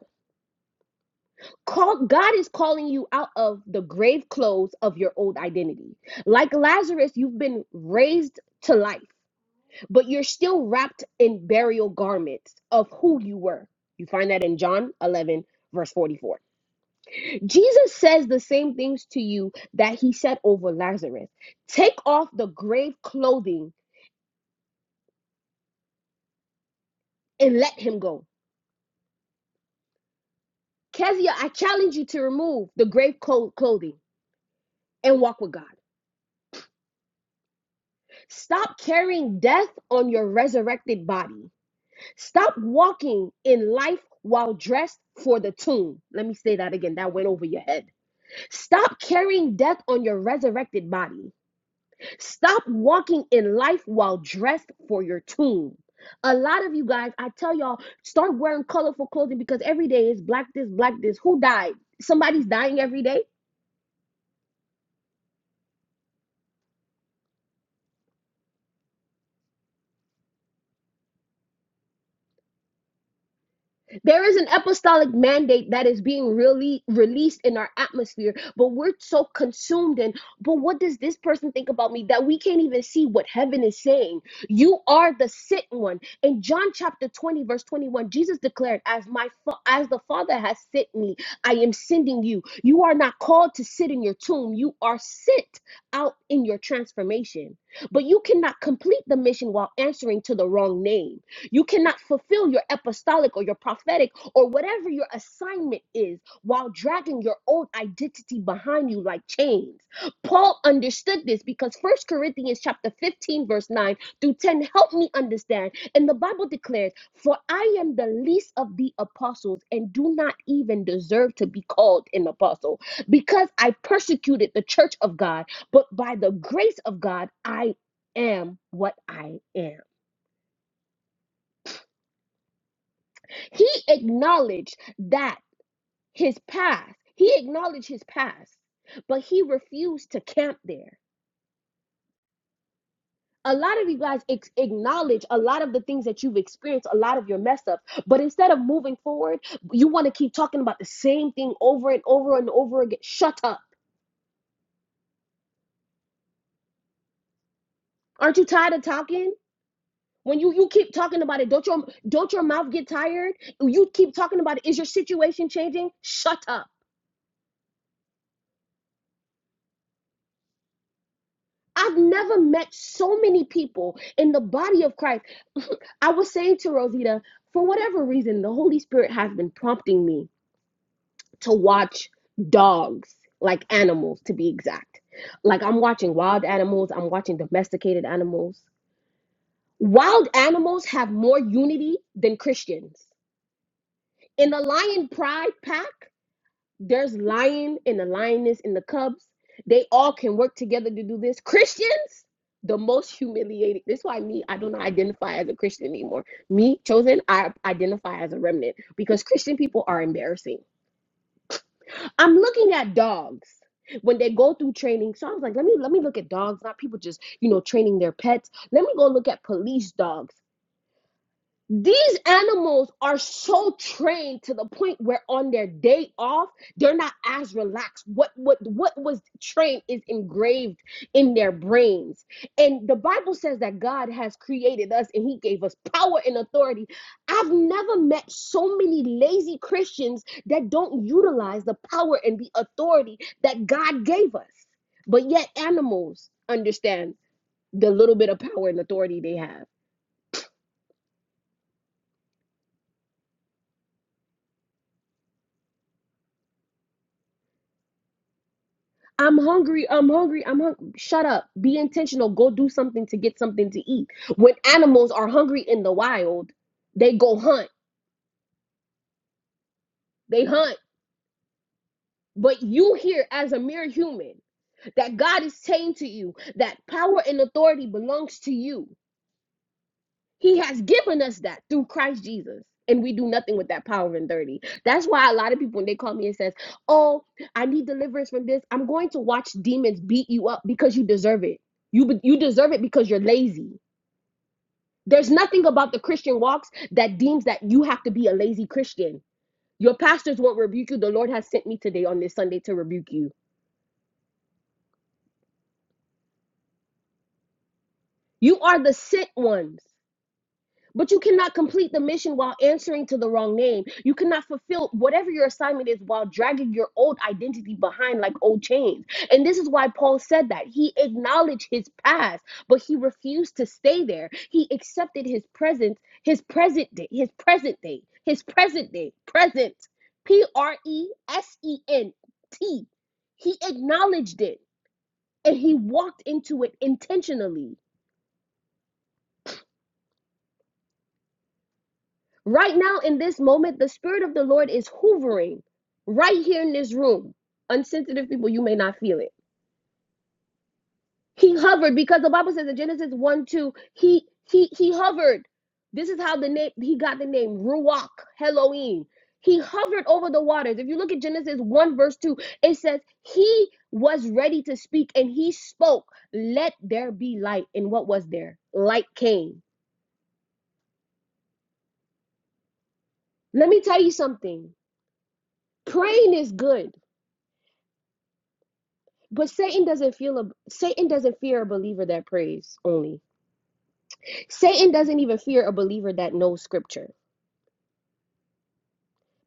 Call, God is calling you out of the grave clothes of your old identity. Like Lazarus, you've been raised to life, but you're still wrapped in burial garments of who you were. You find that in John 11, verse 44. Jesus says the same things to you that he said over Lazarus. Take off the grave clothing and let him go. Kezia, I challenge you to remove the grave clo- clothing and walk with God. Stop carrying death on your resurrected body. Stop walking in life while dressed for the tomb. Let me say that again. That went over your head. Stop carrying death on your resurrected body. Stop walking in life while dressed for your tomb. A lot of you guys, I tell y'all, start wearing colorful clothing because every day is black this, black this. Who died? Somebody's dying every day. There is an apostolic mandate that is being really released in our atmosphere, but we're so consumed in, but what does this person think about me that we can't even see what heaven is saying? You are the sent one. In John chapter 20, verse 21, Jesus declared, As my fa- as the Father has sent me, I am sending you. You are not called to sit in your tomb, you are sent out in your transformation. But you cannot complete the mission while answering to the wrong name. You cannot fulfill your apostolic or your prophetic or whatever your assignment is while dragging your old identity behind you like chains. Paul understood this because 1 Corinthians chapter 15 verse 9 through 10 help me understand. And the Bible declares, "For I am the least of the apostles and do not even deserve to be called an apostle because I persecuted the church of God, but by the grace of God I am what I am." He acknowledged that his past, he acknowledged his past, but he refused to camp there. A lot of you guys ex- acknowledge a lot of the things that you've experienced, a lot of your mess ups, but instead of moving forward, you want to keep talking about the same thing over and over and over again. Shut up. Aren't you tired of talking? When you, you keep talking about it, don't your don't your mouth get tired? You keep talking about it. Is your situation changing? Shut up. I've never met so many people in the body of Christ I was saying to Rosita, for whatever reason, the Holy Spirit has been prompting me to watch dogs, like animals to be exact. Like I'm watching wild animals, I'm watching domesticated animals. Wild animals have more unity than Christians. In the lion pride pack, There's lion and the lioness and the cubs. They all can work together to do this. Christians, the most humiliated. This is why me, I don't identify as a Christian anymore. Me, chosen, I identify as a remnant because Christian people are embarrassing. I'm looking at dogs when they go through training. So I was like, let me let me look at dogs, not people just, you know, training their pets. Let me go look at police dogs. These animals are so trained to the point where on their day off, they're not as relaxed. What what what was trained is engraved in their brains. And the Bible says that God has created us and he gave us power and authority. I've never met so many lazy Christians that don't utilize the power and the authority that God gave us. But yet animals understand the little bit of power and authority they have. I'm hungry. I'm hungry. I'm hungry. Shut up. Be intentional. Go do something to get something to eat. When animals are hungry in the wild, they go hunt. They hunt. But you here as a mere human, that God is saying to you that power and authority belongs to you. He has given us that through Christ Jesus. And we do nothing with that power and authority. That's why a lot of people, when they call me and says, oh, I need deliverance from this, I'm going to watch demons beat you up because you deserve it. You, you deserve it because you're lazy. There's nothing about the Christian walks that deems that you have to be a lazy Christian. Your pastors won't rebuke you. The Lord has sent me today on this Sunday to rebuke you. You are the sent ones. But you cannot complete the mission while answering to the wrong name. You cannot fulfill whatever your assignment is while dragging your old identity behind like old chains. And this is why Paul said that. He acknowledged his past, but he refused to stay there. He accepted his presence, his present day, his present day, his present day, present. P R E S E N T. He acknowledged it and he walked into it intentionally. Right now, in this moment, the Spirit of the Lord is hovering right here in this room. Unsensitive people, you may not feel it. He hovered because the Bible says in Genesis 1 2, he he he hovered. This is how the name he got the name Ruach Elohim. He hovered over the waters. If you look at Genesis 1, verse 2, it says, He was ready to speak and he spoke, Let there be light. And what was there? Light came. Let me tell you something. Praying is good But Satan doesn't feel a Satan doesn't fear a believer that prays only. Satan doesn't even fear a believer that knows scripture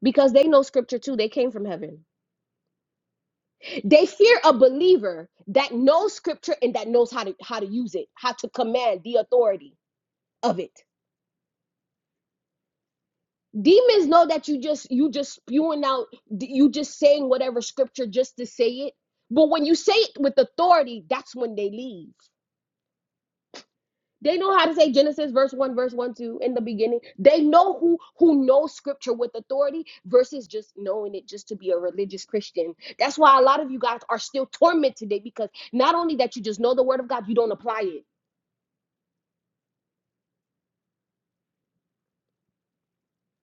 because they know scripture too. They came from heaven. They fear a believer that knows scripture and that knows how to how to use it, how to command the authority of it. Demons know that you just you just spewing out you just saying whatever scripture just to say it. But when you say it with authority, that's when they leave. They know how to say Genesis verse 1, verse 1, 2 in the beginning. They know who who knows scripture with authority versus just knowing it just to be a religious Christian. That's why a lot of you guys are still tormented today because not only that you just know the word of God, you don't apply it.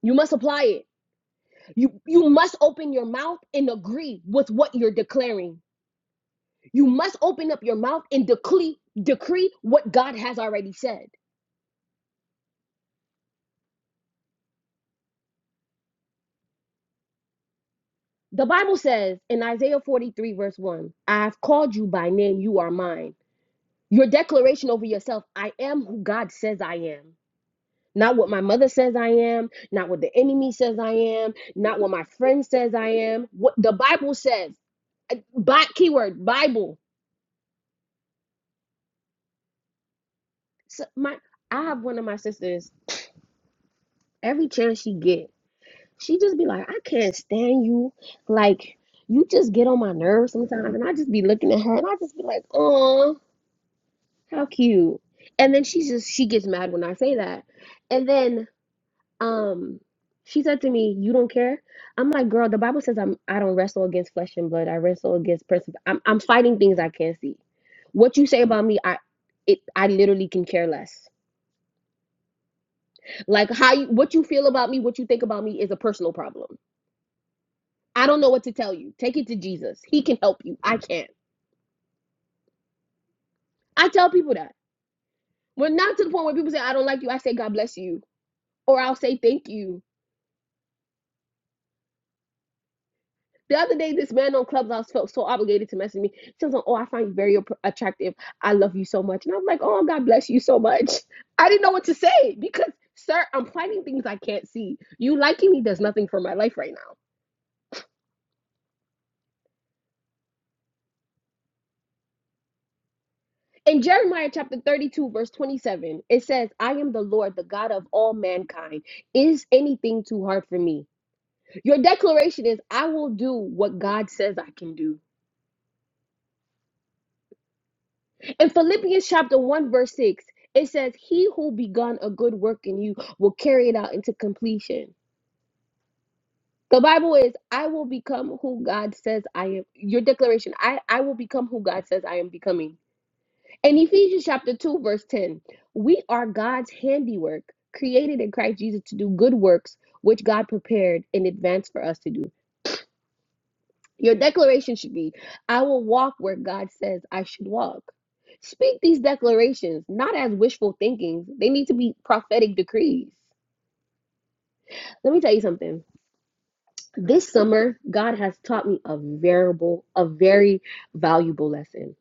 You must apply it. You you must open your mouth and agree with what you're declaring. You must open up your mouth and decree decree what God has already said. The Bible says in Isaiah 43, verse 1, I have called you by name, you are mine. Your declaration over yourself I am who God says I am. Not what my mother says I am, not what the enemy says I am, not what my friend says I am. What the Bible says, Uh, Bi- keyword Bible. So my, I have one of my sisters. Every chance she get, she just be like, I can't stand you. Like you just get on my nerves sometimes, and I just be looking at her, and I just be like, oh, how cute. And then she just she gets mad when I say that, and then Um, she said to me, "You don't care." I'm like, "Girl, the Bible says I'm I don't wrestle against flesh and blood. I wrestle against princip I'm I'm fighting things I can't see. What you say about me, I it I literally can care less. Like how you what you feel about me, what you think about me is a personal problem. I don't know what to tell you. Take it to Jesus. He can help you. I can't. I tell people that. We're not to the point where people say I don't like you. I say God bless you, or I'll say thank you. The other day, this man on Clubhouse felt so obligated to message me. He was like, "Oh, I find you very ap- attractive. I love you so much." And I'm like, "Oh, God bless you so much." I didn't know what to say because, sir, I'm finding things I can't see. You liking me does nothing for my life right now. In Jeremiah chapter 32, verse 27, it says, "I am the Lord, the God of all mankind. Is anything too hard for me?" Your declaration is, "I will do what God says I can do." In Philippians chapter 1, verse 6, it says, He who begun a good work in you will carry it out into completion. The Bible is, I will become who God says I am. Your declaration, I, I will become who God says I am becoming. In Ephesians chapter 2, verse 10, we are God's handiwork, created in Christ Jesus to do good works, which God prepared in advance for us to do. Your declaration should be I will walk where God says I should walk. Speak these declarations not as wishful thinking; they need to be prophetic decrees. Let me tell you something. This summer, God has taught me a variable, a very valuable lesson.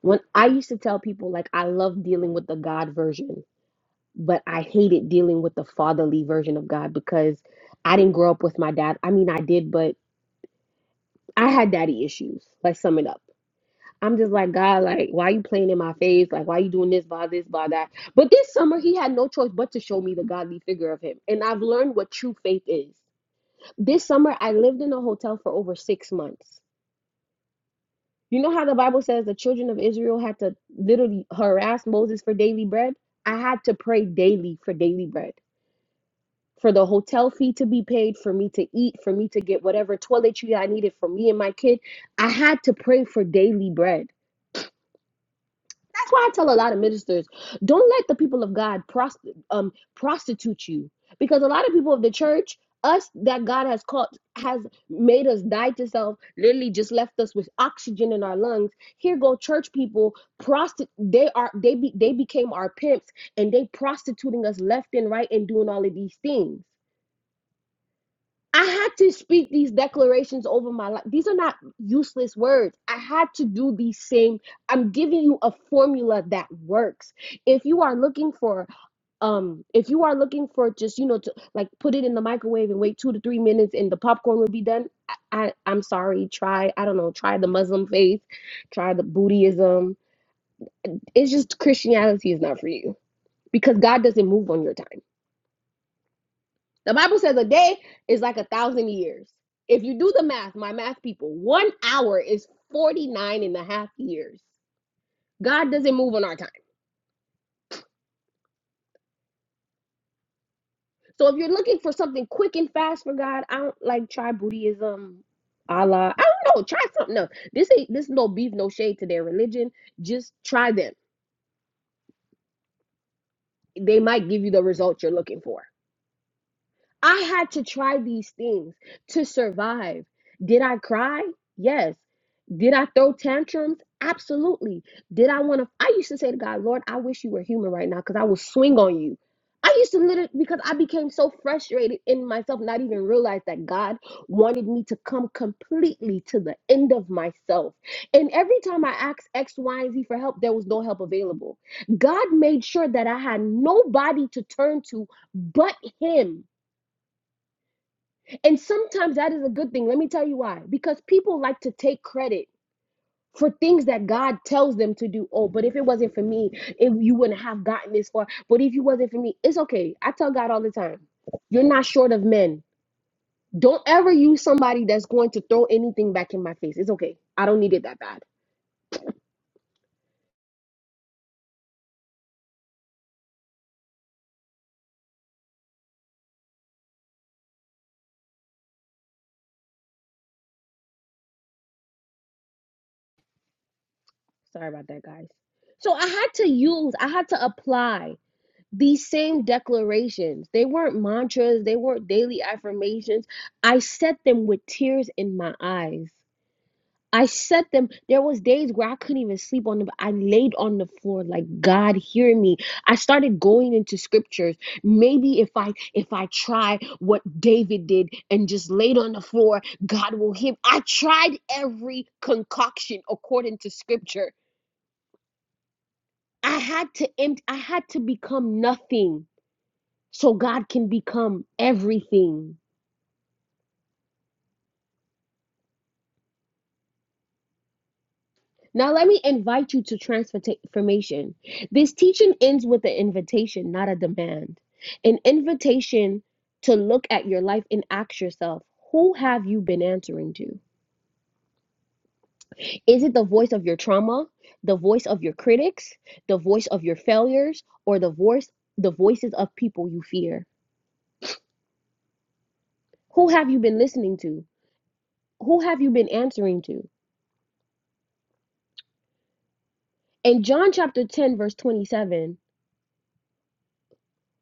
When I used to tell people like I love dealing with the God version, but I hated dealing with the fatherly version of God because I didn't grow up with my dad. I mean, I did, but I had daddy issues. Let's sum it up. I'm just like, God, like, why you playing in my face? Like, why you doing this by this, by that? But this summer, he had no choice but to show me the godly figure of him. And I've learned what true faith is. This summer, I lived in a hotel for over six months. You know how the Bible says the children of Israel had to literally harass Moses for daily bread? I had to pray daily for daily bread, for the hotel fee to be paid, for me to eat, for me to get whatever toiletry I needed for me and my kid. I had to pray for daily bread. That's why I tell a lot of ministers, don't let the people of God prost- um, prostitute you, because a lot of people of the church, us that God has called, has made us die to self, literally just left us with oxygen in our lungs. Here go church people, prosti- they are they be, they became our pimps and they prostituting us left and right and doing all of these things. I had to speak these declarations over my life. These are not useless words. I had to do these same. I'm giving you a formula that works. If you are looking for, um, if you are looking for just you know to like put it in the microwave and wait two to three minutes and the popcorn will be done. I, I I'm sorry. Try I don't know. Try the Muslim faith. Try the Buddhism. It's just Christianity is not for you because God doesn't move on your time. The Bible says a day is like a thousand years. If you do the math, my math people, one hour is 49 and a half years. God doesn't move on our time. So if you're looking for something quick and fast for God, I don't like try Buddhism, Allah. I don't know. Try something else. This ain't this is no beef, no shade to their religion. Just try them. They might give you the result you're looking for. I had to try these things to survive. Did I cry? Yes. Did I throw tantrums? Absolutely. Did I want to? I used to say to God, Lord, I wish you were human right now because I will swing on you. I used to literally, because I became so frustrated in myself, not even realize that God wanted me to come completely to the end of myself. And every time I asked X, Y, and Z for help, there was no help available. God made sure that I had nobody to turn to but Him and sometimes that is a good thing. Let me tell you why. Because people like to take credit for things that God tells them to do. Oh, but if it wasn't for me, if you wouldn't have gotten this far. But if you wasn't for me, it's okay. I tell God all the time, you're not short of men. Don't ever use somebody that's going to throw anything back in my face. It's okay. I don't need it that bad. Sorry about that, guys. So I had to use, I had to apply these same declarations they weren't mantras they weren't daily affirmations i said them with tears in my eyes i said them there was days where i couldn't even sleep on the i laid on the floor like god hear me i started going into scriptures maybe if i if i try what david did and just laid on the floor god will hear i tried every concoction according to scripture i had to empty i had to become nothing so God can become everything. Now, let me invite you to transformation. This teaching ends with an invitation, not a demand. An invitation to look at your life and ask yourself, who have you been answering to? Is it the voice of your trauma, the voice of your critics, the voice of your failures, or the voice the voices of people you fear? Who have you been listening to? Who have you been answering to? In John chapter 10 verse 27,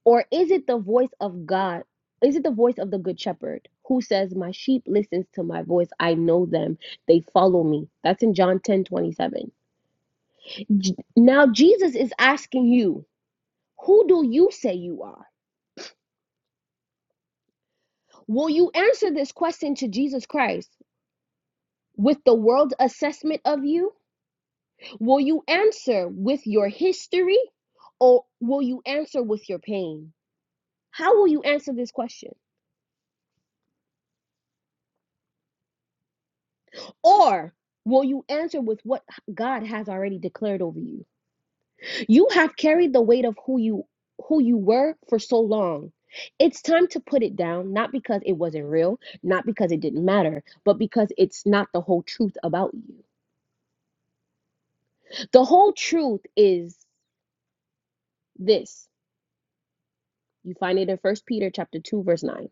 Or is it the voice of God? Is it the voice of the good shepherd who says, My sheep listens to my voice. I know them. They follow me. That's in John 10 27. Now, Jesus is asking you, Who do you say you are? Will you answer this question to Jesus Christ with the world's assessment of you? Will you answer with your history or will you answer with your pain? How will you answer this question? Or will you answer with what God has already declared over you? You have carried the weight of who you who you were for so long. It's time to put it down, not because it wasn't real, not because it didn't matter, but because it's not the whole truth about you. The whole truth is this. You find it in First Peter chapter 2 verse 9.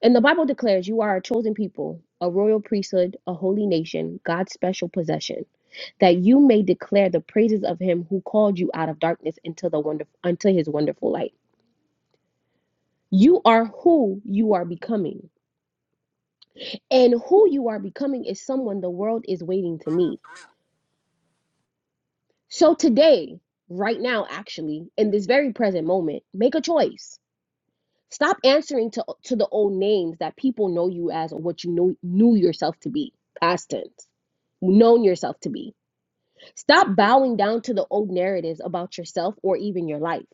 And the Bible declares you are a chosen people, a royal priesthood, a holy nation, God's special possession, that you may declare the praises of him who called you out of darkness into the wonder unto his wonderful light. You are who you are becoming. And who you are becoming is someone the world is waiting to meet. So today, right now actually, in this very present moment, make a choice Stop answering to to the old names that people know you as or what you know, knew yourself to be, past tense, known yourself to be. Stop bowing down to the old narratives about yourself or even your life.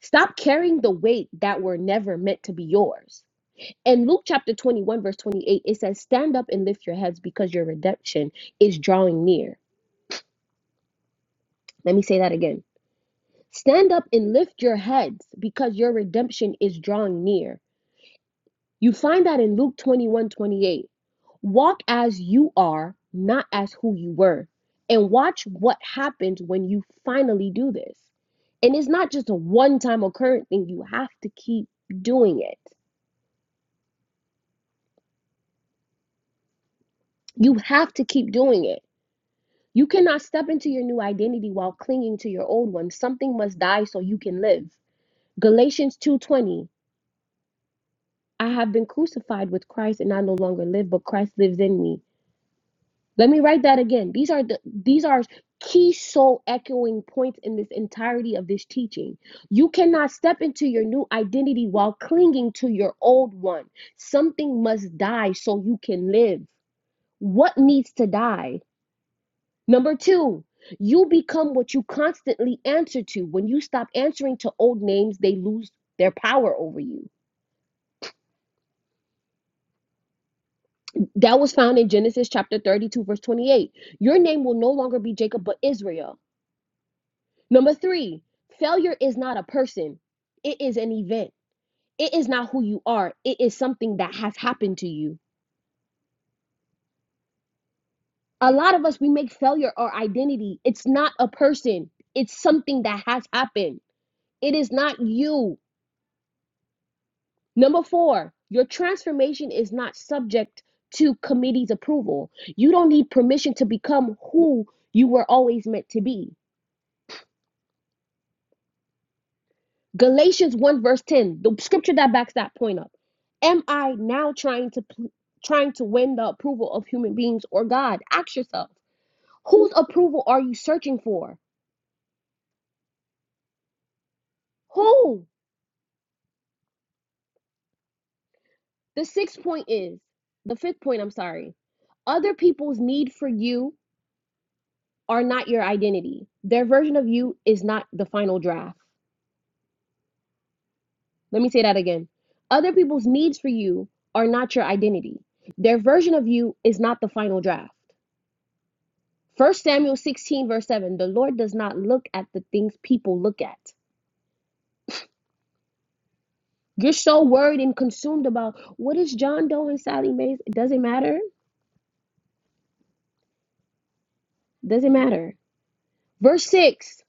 Stop carrying the weight that were never meant to be yours. In Luke chapter 21, verse 28, it says, Stand up and lift your heads because your redemption is drawing near. Let me say that again. Stand up and lift your heads because your redemption is drawing near. You find that in Luke 21:28, Walk as you are, not as who you were. And watch what happens when you finally do this. And it's not just a one time occurrence thing, you have to keep doing it. You have to keep doing it. You cannot step into your new identity while clinging to your old one. Something must die so you can live. Galatians 2:20 I have been crucified with Christ and I no longer live but Christ lives in me. Let me write that again. These are the these are key soul echoing points in this entirety of this teaching. You cannot step into your new identity while clinging to your old one. Something must die so you can live. What needs to die? Number 2. You become what you constantly answer to. When you stop answering to old names, they lose their power over you. That was found in Genesis chapter 32 verse 28. Your name will no longer be Jacob but Israel. Number three, failure is not a person, it is an event. It is not who you are, it is something that has happened to you. A lot of us, we make failure our identity. It's not a person, it's something that has happened. It is not you. Number four, your transformation is not subject to committee's approval. You don't need permission to become who you were always meant to be. Galatians 1 verse 10, the scripture that backs that point up. Am I now trying to trying to win the approval of human beings or God? Ask yourself, whose approval are you searching for? Who? The sixth point is, the fifth point, I'm sorry. Other people's need for you are not your identity. Their version of you is not the final draft. Let me say that again. Other people's needs for you are not your identity. Their version of you is not the final draft. First Samuel 16, verse 7. The Lord does not look at the things people look at. You're so worried and consumed about what is John Doe and Sally Mays. It doesn't matter. Doesn't matter. Verse 6.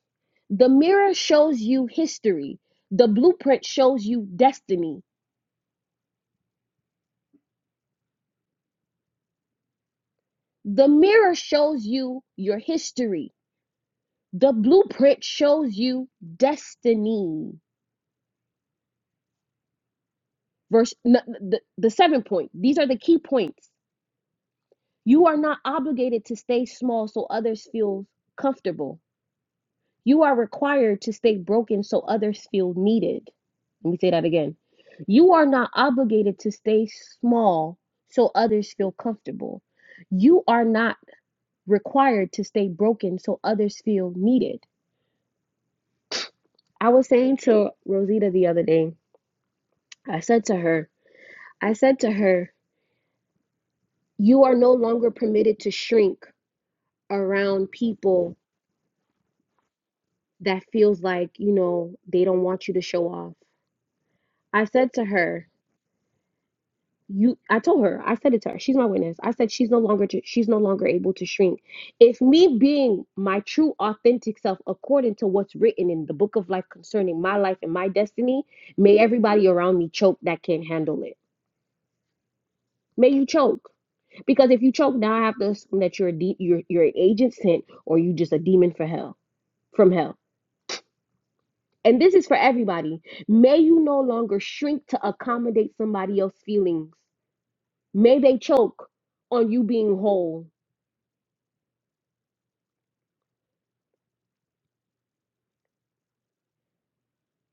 The mirror shows you history. The blueprint shows you destiny. The mirror shows you your history. The blueprint shows you destiny. Verse n- the, the seven point. These are the key points. You are not obligated to stay small so others feel comfortable. You are required to stay broken so others feel needed. Let me say that again. You are not obligated to stay small so others feel comfortable. You are not required to stay broken so others feel needed. I was saying to Rosita the other day, I said to her, I said to her, you are no longer permitted to shrink around people that feels like, you know, they don't want you to show off. I said to her, you I told her, I said it to her. She's my witness. I said she's no longer to, she's no longer able to shrink. If me being my true authentic self according to what's written in the book of life concerning my life and my destiny, may everybody around me choke that can't handle it. May you choke. Because if you choke, now I have to assume that you're a de- you're you're an agent sent or you just a demon for hell from hell And this is for everybody. May you no longer shrink to accommodate somebody else's feelings. May they choke on you being whole.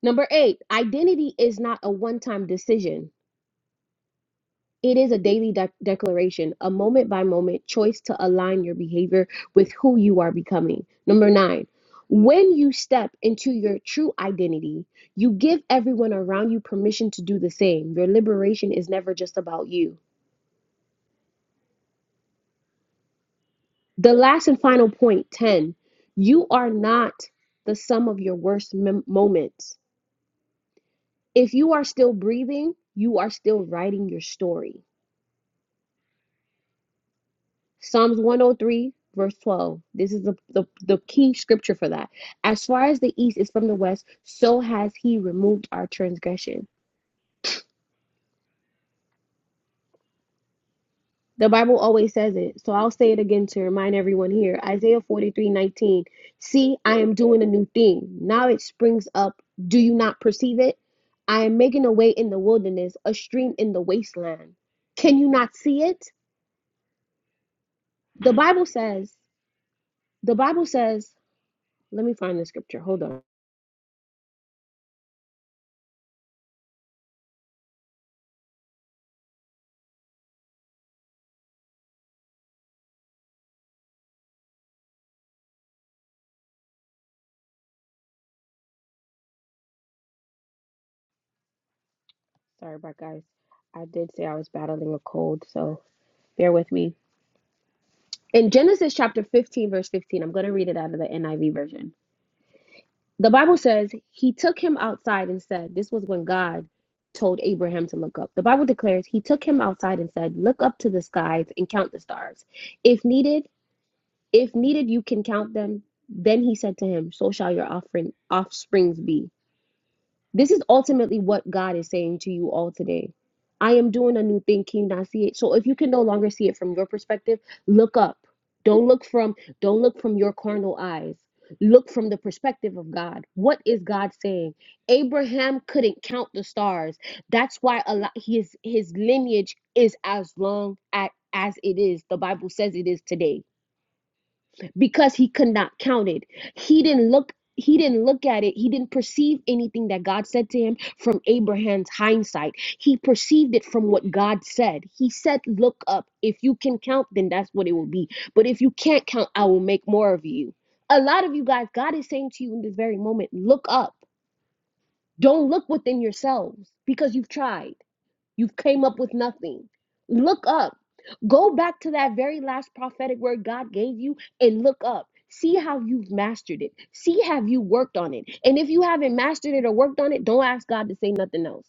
Number eight, identity is not a one time decision. It is a daily de- declaration, a moment by moment choice to align your behavior with who you are becoming. Number nine, when you step into your true identity, you give everyone around you permission to do the same. Your liberation is never just about you. The last and final point 10 you are not the sum of your worst mem- moments. If you are still breathing, you are still writing your story. Psalms 103, verse 12. This is the, the, the key scripture for that. As far as the east is from the west, so has he removed our transgression. The Bible always says it. So I'll say it again to remind everyone here. Isaiah 43:19. See, I am doing a new thing. Now it springs up. Do you not perceive it? I am making a way in the wilderness, a stream in the wasteland. Can you not see it? The Bible says, the Bible says, let me find the scripture. Hold on. Sorry about guys. I did say I was battling a cold, so bear with me. In Genesis chapter 15, verse 15, I'm going to read it out of the NIV version. The Bible says he took him outside and said, This was when God told Abraham to look up. The Bible declares he took him outside and said, Look up to the skies and count the stars. If needed, if needed, you can count them. Then he said to him, So shall your offering offsprings be. This is ultimately what God is saying to you all today. I am doing a new thing. Can you not see it? So if you can no longer see it from your perspective, look up. Don't look from don't look from your carnal eyes. Look from the perspective of God. What is God saying? Abraham couldn't count the stars. That's why a lot his his lineage is as long at, as it is. The Bible says it is today because he could not count it. He didn't look he didn't look at it. He didn't perceive anything that God said to him from Abraham's hindsight. He perceived it from what God said. He said, "Look up. If you can count, then that's what it will be. But if you can't count, I will make more of you." A lot of you guys, God is saying to you in this very moment, "Look up. Don't look within yourselves because you've tried. You've came up with nothing. Look up. Go back to that very last prophetic word God gave you and look up. See how you've mastered it. See have you worked on it. And if you haven't mastered it or worked on it, don't ask God to say nothing else.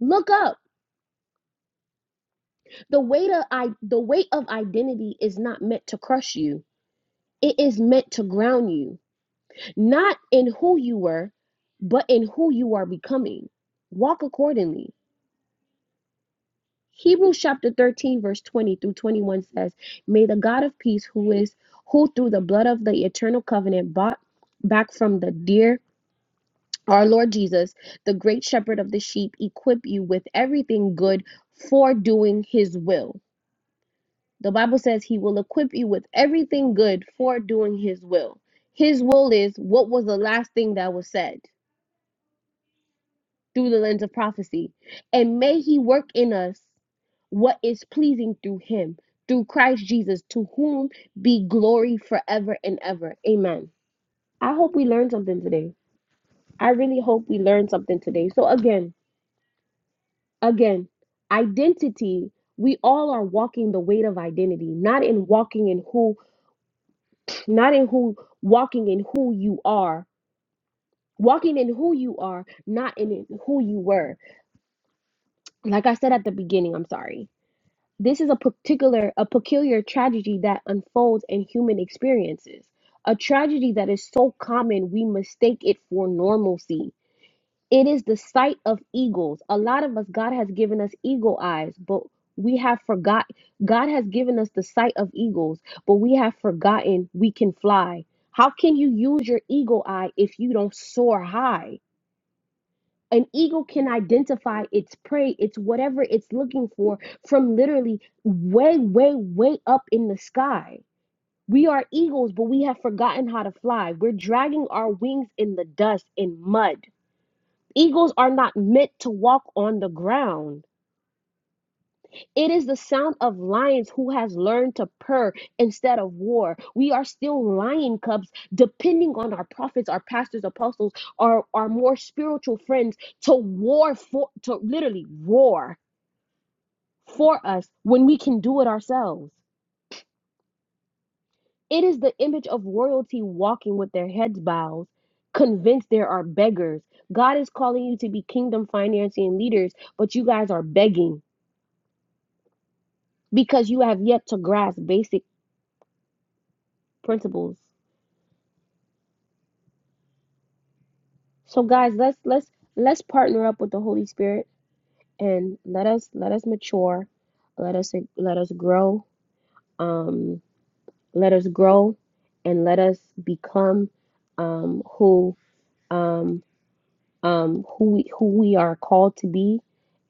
Look up. The weight of I the weight of identity is not meant to crush you. It is meant to ground you, not in who you were, but in who you are becoming. Walk accordingly. Hebrews chapter 13, verse 20 through 21 says, May the God of peace, who is who through the blood of the eternal covenant bought back from the dear our Lord Jesus, the great shepherd of the sheep, equip you with everything good for doing his will. The Bible says he will equip you with everything good for doing his will. His will is what was the last thing that was said? through the lens of prophecy. And may He work in us what is pleasing through Him, through Christ Jesus, to whom be glory forever and ever. Amen. I hope we learned something today. I really hope we learned something today. So, again, again, identity. We all are walking the weight of identity, not in walking in who, not in who, walking in who you are, walking in who you are, not in who you were. Like I said at the beginning, I'm sorry. This is a particular, a peculiar tragedy that unfolds in human experiences, a tragedy that is so common we mistake it for normalcy. It is the sight of eagles. A lot of us, God has given us eagle eyes, but we have forgot. God has given us the sight of eagles, but we have forgotten we can fly. How can you use your eagle eye if you don't soar high? An eagle can identify its prey, it's whatever it's looking for from literally way, way, way up in the sky. We are eagles, but we have forgotten how to fly. We're dragging our wings in the dust, in mud. Eagles are not meant to walk on the ground. It is the sound of lions who has learned to purr instead of war. We are still lion cubs, depending on our prophets, our pastors, apostles, our, our more spiritual friends to war for to literally roar for us when we can do it ourselves. It is the image of royalty walking with their heads bowed, convinced there are beggars. God is calling you to be kingdom financing leaders, but you guys are begging because you have yet to grasp basic principles. So guys, let's let's let's partner up with the Holy Spirit and let us let us mature, let us let us grow, um, let us grow, and let us become um, who um, um, who we, who we are called to be.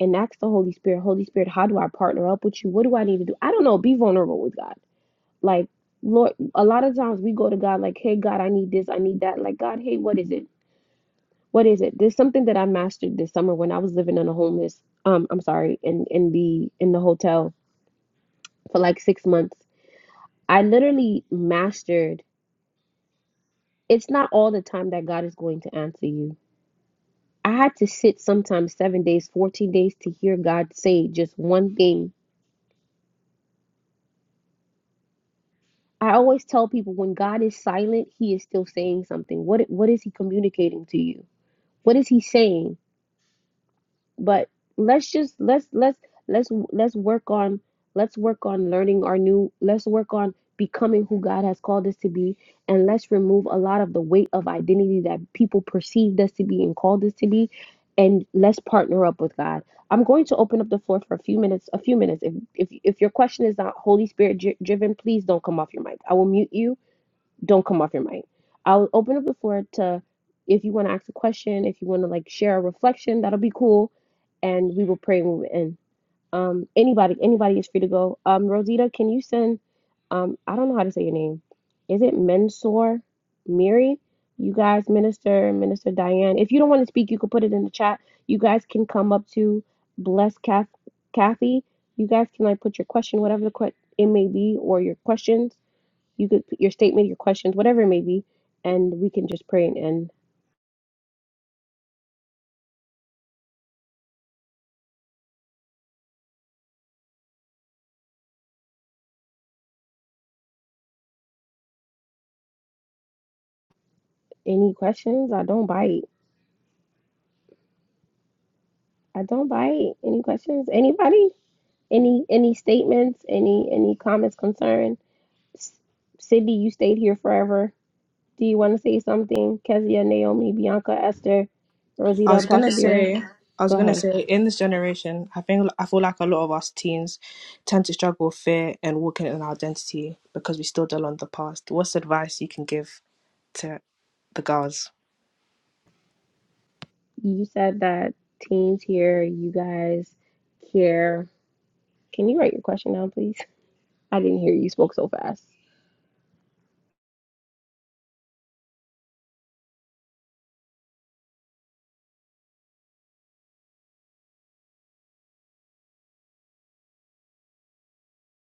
And ask the Holy Spirit, Holy Spirit, how do I partner up with you? What do I need to do? I don't know. Be vulnerable with God. Like Lord, a lot of times we go to God like, Hey God, I need this, I need that. Like God, hey, what is it? what is it? There's something that I mastered this summer when I was living in a homeless, um, I'm sorry, in in the in the hotel for like six months. I literally mastered. It's not all the time that God is going to answer you. I had to sit sometimes seven days, 14 days to hear God say just one thing. I always tell people when God is silent, He is still saying something. What what is He communicating to you? What is He saying? but let's just let's let's let's let's work on let's work on learning our new let's work on becoming who God has called us to be and let's remove a lot of the weight of identity that people perceived us to be and called us to be and let's partner up with God. I'm going to open up the floor for a few minutes, a few minutes. If if if your question is not Holy Spirit dri- driven, please don't come off your mic. I will mute you don't come off your mic. I'll open up the floor to if you want to ask a question, if you want to like share a reflection, that'll be cool, and we will pray And we in. Um, anybody, anybody is free to go. Um, Rosita, can you send? Um, I don't know how to say your name. Is it Mensor Miri? You guys, Minister, Minister Diane. If you don't want to speak, you can put it in the chat. You guys can come up to bless Kath, Kathy. You guys can like put your question, whatever the que- it may be, or your questions you could put your statement, your questions, whatever it may be, and we can just pray and end. Any questions? I don't bite. I don't bite. Any questions? Anybody? Any any statements? Any any comments, concern? S- Cindy, you stayed here forever. Do you want to say something? Kezia, Naomi, Bianca, Esther,
I
Rosita,
was gonna
Apostle Dira.
say, I
Go
was gonna
ahead.
say, in this generation, I think I feel like a lot of us teens tend to struggle with fear and walking in our identity because we still dwell on the past. What's advice you can give to the girls?
You said that teens here, you guys care. Can you write your question down, please? I didn't hear you spoke so fast.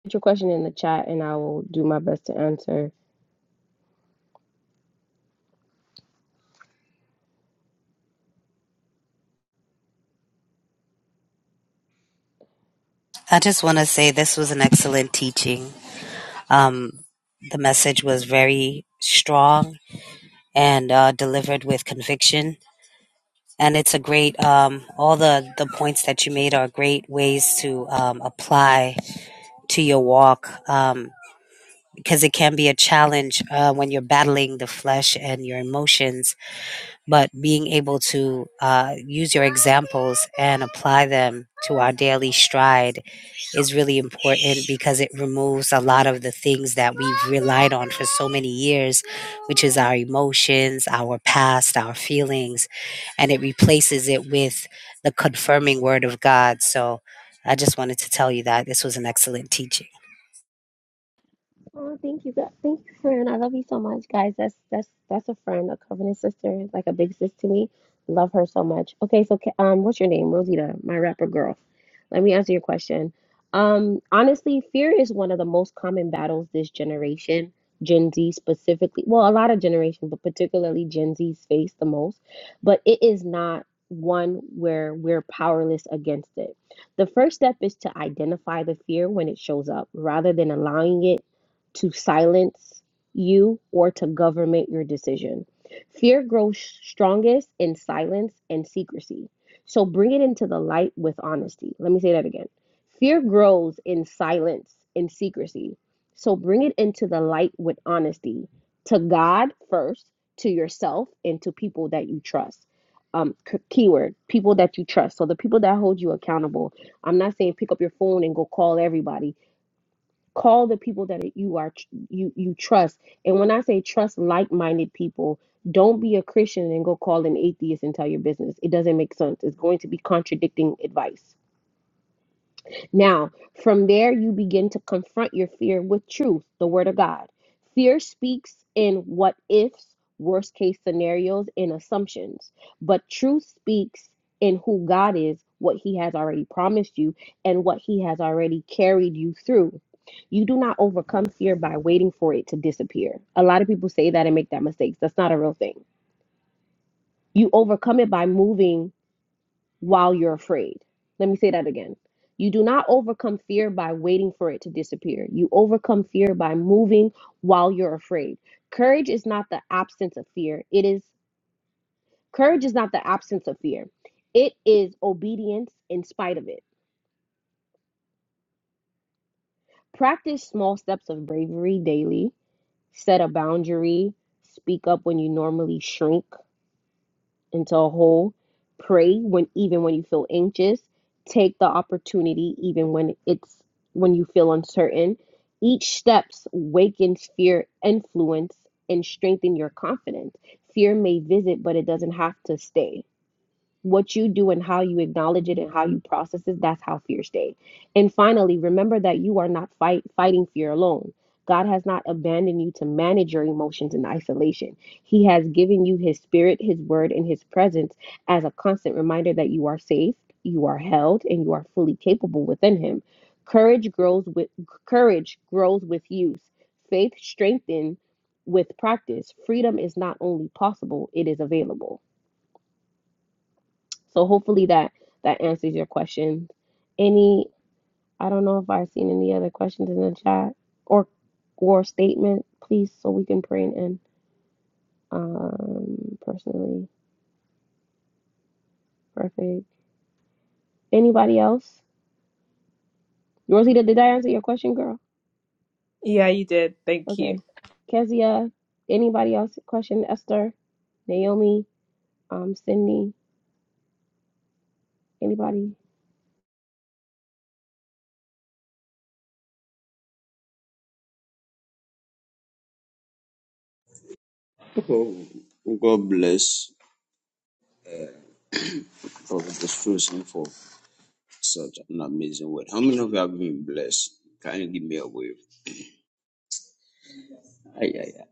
Put your question in the chat and I will do my best to answer.
I just want to say this was an excellent teaching. Um, the message was very strong and uh, delivered with conviction. And it's a great, um, all the, the points that you made are great ways to um, apply to your walk um, because it can be a challenge uh, when you're battling the flesh and your emotions. But being able to uh, use your examples and apply them to our daily stride is really important because it removes a lot of the things that we've relied on for so many years, which is our emotions, our past, our feelings, and it replaces it with the confirming word of God. So I just wanted to tell you that this was an excellent teaching.
Oh, thank you, God. Thank you, friend. I love you so much, guys. That's that's that's a friend, a covenant sister, like a big sis to me. Love her so much. Okay, so ca- um, what's your name, Rosita, my rapper girl? Let me answer your question. Um, honestly, fear is one of the most common battles this generation, Gen Z specifically. Well, a lot of generation, but particularly Gen Z's face the most. But it is not one where we're powerless against it. The first step is to identify the fear when it shows up, rather than allowing it to silence you or to government your decision. Fear grows strongest in silence and secrecy. So bring it into the light with honesty. Let me say that again. Fear grows in silence and secrecy. So bring it into the light with honesty to God first, to yourself, and to people that you trust. Um, keyword people that you trust. So the people that hold you accountable. I'm not saying pick up your phone and go call everybody call the people that you are you you trust and when i say trust like-minded people don't be a christian and go call an atheist and tell your business it doesn't make sense it's going to be contradicting advice now, from there, you begin to confront your fear with truth, the Word of God. Fear speaks in what ifs, worst case scenarios, and assumptions, but truth speaks in who God is, what He has already promised you, and what He has already carried you through. You do not overcome fear by waiting for it to disappear. A lot of people say that and make that mistake. That's not a real thing. You overcome it by moving while you're afraid. Let me say that again. You do not overcome fear by waiting for it to disappear. You overcome fear by moving while you're afraid. Courage is not the absence of fear. It is courage is not the absence of fear. It is obedience in spite of it. Practice small steps of bravery daily. Set a boundary. Speak up when you normally shrink. into a hole. Pray when even when you feel anxious. Take the opportunity even when it's when you feel uncertain. Each steps wakens fear, influence, and strengthen your confidence. Fear may visit, but it doesn't have to stay what you do and how you acknowledge it and how you process it that's how fear stays and finally remember that you are not fight fighting fear alone god has not abandoned you to manage your emotions in isolation he has given you his spirit his word and his presence as a constant reminder that you are safe you are held and you are fully capable within him courage grows with courage grows with use faith strengthens with practice freedom is not only possible it is available so hopefully that that answers your question. Any, I don't know if I've seen any other questions in the chat or or statement, please, so we can pray and end. Um, personally, perfect. Anybody else? Rosita, did I answer your question, girl?
Yeah, you did. Thank you.
Okay. Kezia, anybody else? Question, Esther, Naomi, um, Sydney, anybody?
Oh, God bless Prophet Susan for such an amazing word. How many of you have been blessed? Can you give me a wave? Ah, yeah, yeah.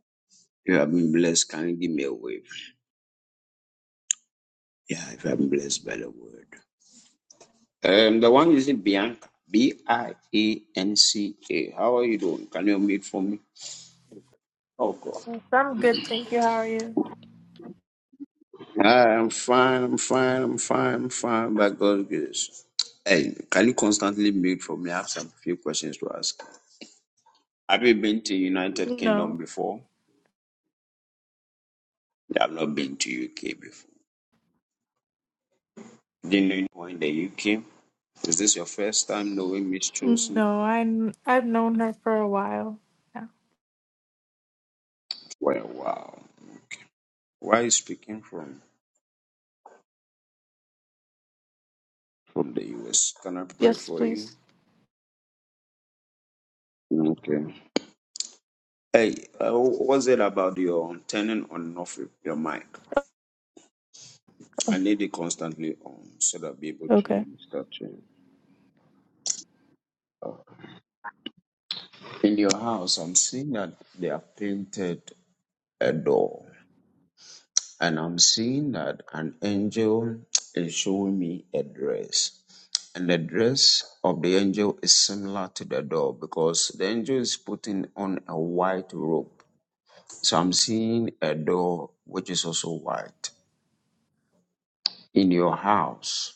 If you have been blessed, can you give me a wave? Yeah, if you have been blessed by the word. Um, the one is Bianca. B I A N C A. How are you doing? Can you meet for me? Oh God.
I'm good, thank you. How are you?
I am fine, I'm fine, I'm fine, I'm fine by God's grace. Hey, can you constantly mute for me? I have some few questions to ask. Have you been to United Kingdom
No,
before? I've not been to UK before. Didn't know anyone in the UK. Is this your first time knowing Miss Chosen?
no, I I've known her for a while. Yeah.
Well, wow. Why are you speaking from from the US? Can I pray
Yes,
for you?
please.
Okay. Hey, uh, what's it about your turning on and off your mic? I need it constantly on so that I'll be able to
Okay.
minister to you. In your house, I'm seeing that they have painted a door. and I'm seeing that an angel is showing me a dress. And the dress of the angel is similar to the door because the angel is putting on a white robe. So I'm seeing a door which is also white. In your house,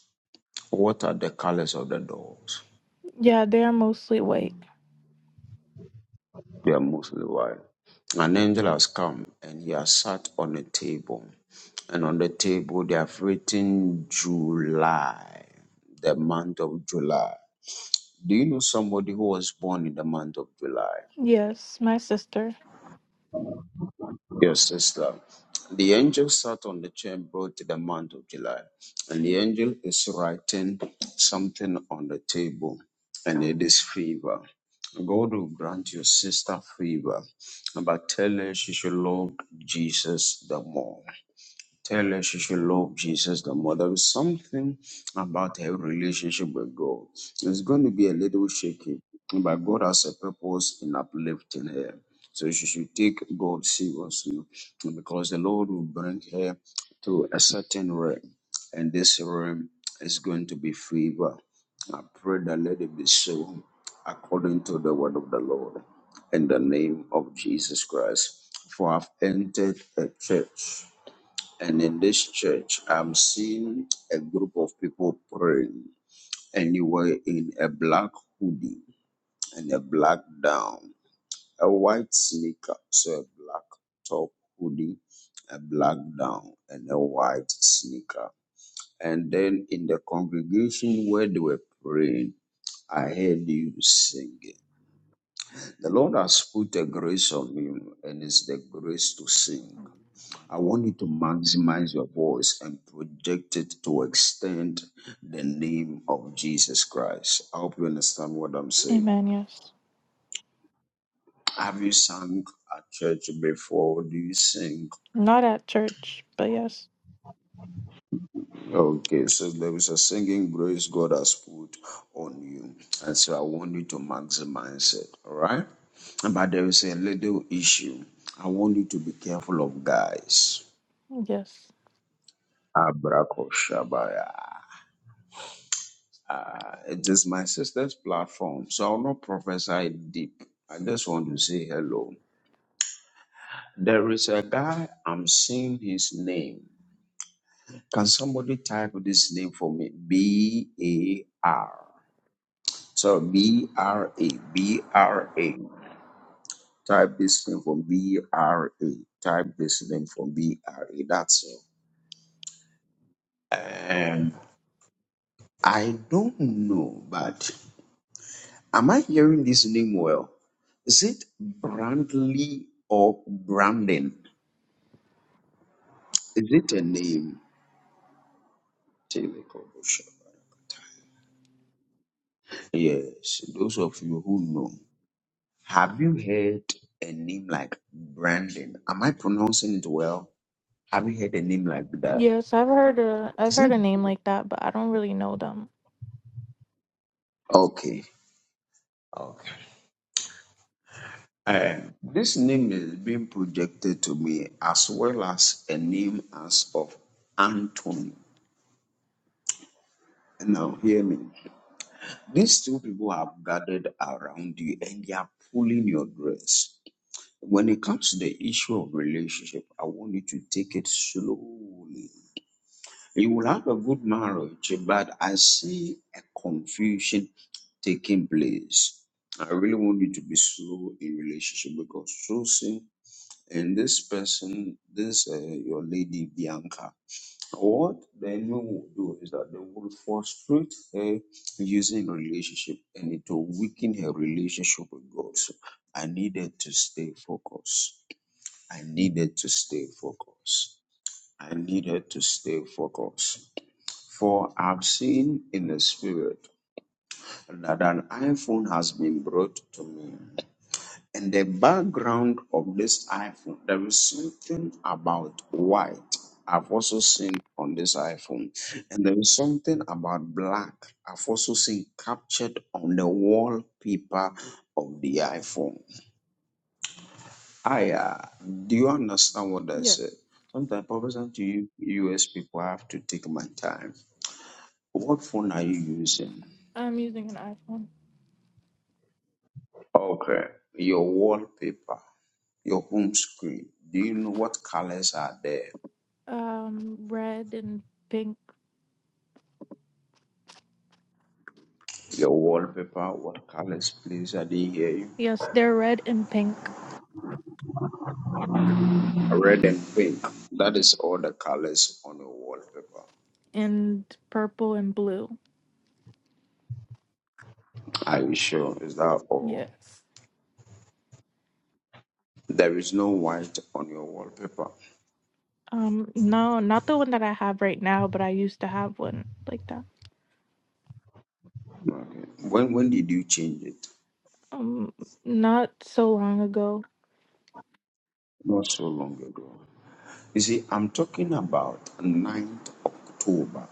what are the colors of the doors?
Yeah, they are mostly white.
They are mostly white. An angel has come and he has sat on a table. And on the table, they have written July, the month of July. Do you know somebody who was born in the month of July?
Yes, my sister.
Your sister. The angel sat on the chair brought to the month of July, and the angel is writing something on the table, and it is fever. God will grant your sister fever, but tell her she should love Jesus the more. Tell her she should love Jesus the more. There is something about her relationship with God. It's going to be a little shaky, but God has a purpose in uplifting her. So she should take God seriously because the Lord will bring her to a certain realm, and this realm is going to be favor. I pray that let it be so according to the word of the Lord in the name of Jesus Christ. For I've entered a church and in this church, I'm seeing a group of people praying anywhere in a black hoodie and a black down, a white sneaker, so a black top hoodie, a black down, and a white sneaker. And then in the congregation where they were praying, I heard you singing. The Lord has put a grace on you, and it's the grace to sing. I want you to maximize your voice and project it to extend the name of Jesus Christ. I hope you understand what I'm saying.
Amen. Yes.
Have you sung at church before? Do you sing?
Not at church, but yes,
Okay, so there is a singing grace God has put on you. And so I want you to maximize it, all right? But there is a little issue. I want you to be careful of guys.
yes,
Abrakoshabaya. Uh, it is my sister's platform, so I'll not prophesy deep. I just want to say hello. There is a guy, I'm seeing his name. Can somebody type this name for me? B A R. So B R A. B R A. Type this name for B R A. Type this name for B R A. That's all. And I don't know, but. Am I hearing this name well? Is it Brandley or Brandon? Is it a name? Yes, those of you who know, have you heard a name like Brandon? Am I pronouncing it well? Have you heard a name like that?
yes. I've heard a I've
Is
heard
it
a name like that, but I don't really know them.
okay? Okay. Uh, this name is being projected to me as well as a name as of Anthony. Now, hear me. These two people have gathered around you and they are pulling your dress. When it comes to the issue of relationship, I want you to take it slowly. You will have a good marriage, but I see a confusion taking place. I really want you to be slow in relationship because so soon, and this person, this uh, your lady Bianca. What the enemy will do is that they will frustrate her using relationship and it will weaken her relationship with God. So I needed to stay focused. I needed to stay focused. I needed to stay focused. For I've seen in the spirit that an iPhone has been brought to me. In the background of this iPhone, there is something about white. I've also seen on this iPhone. And there is something about black. I've also seen captured on the wallpaper of the iPhone. I uh, do you understand what I
Yeah,
said? Sometimes, Professor, to you US people, I have to take my time. What phone are you using?
I'm using an iPhone.
Okay, your wallpaper, your home screen. Do you know what colors are there?
Um, red and pink.
Your wallpaper, what colors, please? I didn't hear you.
Yes, they're red and pink
Red and pink. That is all the colors on your wallpaper.
and purple and blue.
Are you sure? Is that all?
Yes.
There is no white on your wallpaper.
Um, no, not the one that I have right now, but I used to have one like that.
Okay. When when did you change it?
Um, not so long ago.
Not so long ago. You see, I'm talking about 9th October.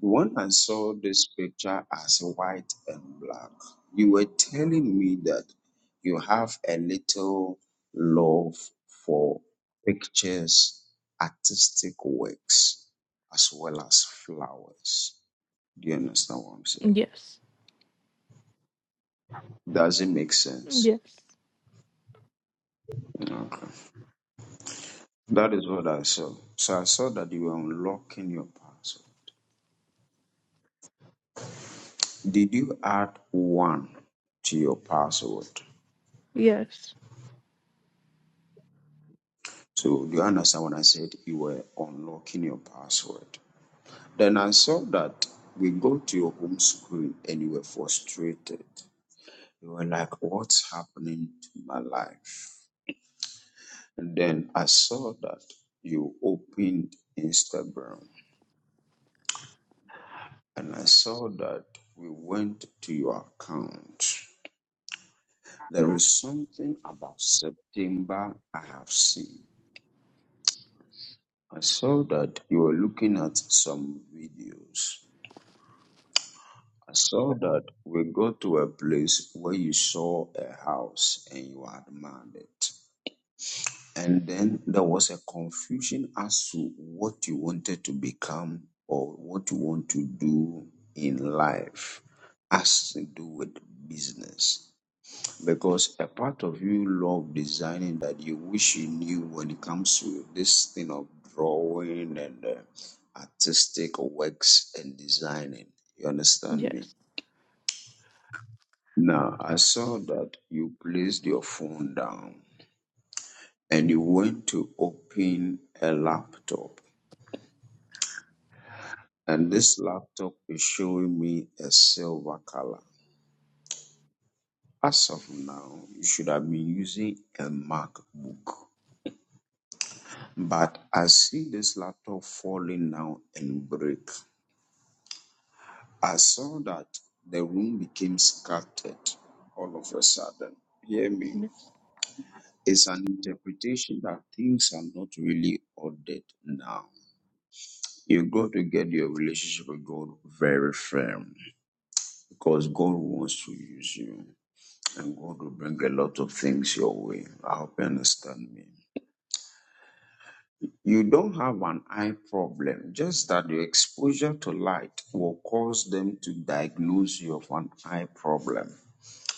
When I saw this picture as white and black, you were telling me that you have a little love for pictures, artistic works, as well as flowers. Do you understand what I'm saying?
Yes.
Does it make sense?
Yes.
Okay. That is what I saw. So I saw that you were unlocking your password. Did you add one to your password?
Yes.
So do you understand when I said you were unlocking your password? Then I saw that we go to your home screen and you were frustrated. You were like, what's happening to my life? And then I saw that you opened Instagram and I saw that we went to your account. There is something about September I have seen. I saw that you were looking at some videos. I saw that we go to a place where you saw a house and you admired it. And then there was a confusion as to what you wanted to become or what you want to do in life as to do with business. Because a part of you love designing that you wish you knew when it comes to this thing of drawing and uh, artistic works and designing. You understand me?
Yes.
Now, I saw that you placed your phone down and you went to open a laptop. And this laptop is showing me a silver color. As of now, you should have been using a MacBook. But I see this laptop falling down and break. I saw that the room became scattered all of a sudden. Hear me.
Yes.
It's an interpretation that things are not really ordered now You've got to get your relationship with God very firm because God wants to use you and God will bring a lot of things your way. I hope you understand me. You don't have an eye problem, just that your exposure to light will cause them to diagnose you of an eye problem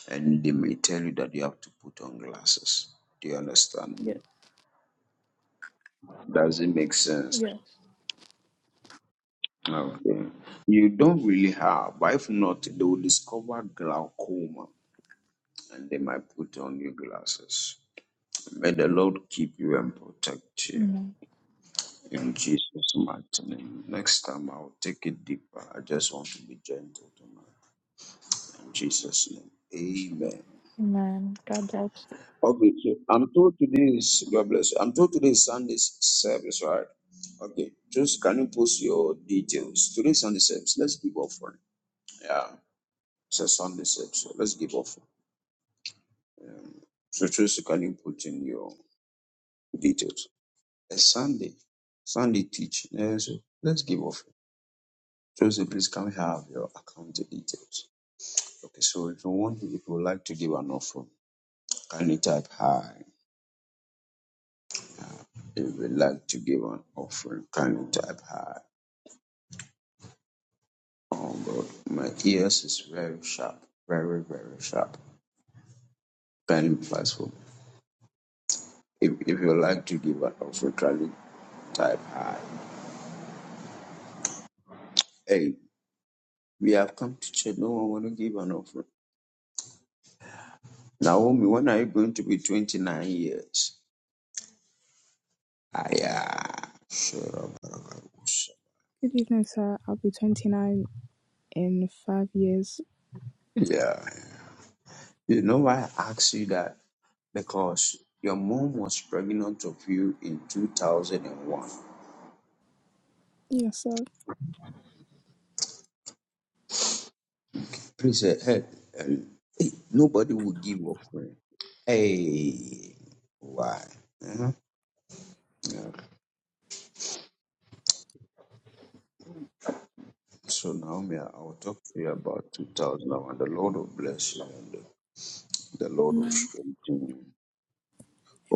and they may tell you that you have to put on glasses. Do you understand
Yes.
me? Does it make sense?
Yes.
Okay. You don't really have, but if not, they will discover glaucoma and they might put on your glasses. May the Lord keep you and protect you
Amen.
in Jesus' mighty name. Next time I'll take it deeper. I just want to be gentle tonight. In Jesus' name. Amen.
Amen. God bless.
Okay, so I'm told today is God bless you. I'm told today is Sunday's service, right? Okay. Just can you post your details? Today's Sunday service. Let's give offering. Yeah. It's a Sunday service. So let's give offering. So just can you put in your details? a Sunday, Sunday teach. eh, so let's give offering. Joseph, please can we have your account details? Okay, so if you want, if you would like to give an offering, kindly type hi. If you would like to give an offering, kindly type hi. Oh God, my ears is very sharp, very very sharp. Kindly platform. If if you would like to give an offering, kindly type hi. Hey, we have come to church. No one want to give an offering. Naomi, when are you going to be 29 years? I, Shut up,
Good evening, sir. I'll be 29 in five years.
yeah. You know why I asked you that? Because your mom was pregnant of you in 2001.
Yes, sir.
Please, eh, eh, eh, eh, nobody would give offering. Hey, why? Eh, Yeah. So Naomi, I- I'll talk to you about 2001. The Lord will bless you and the the Lord will
Amen.
strengthen you.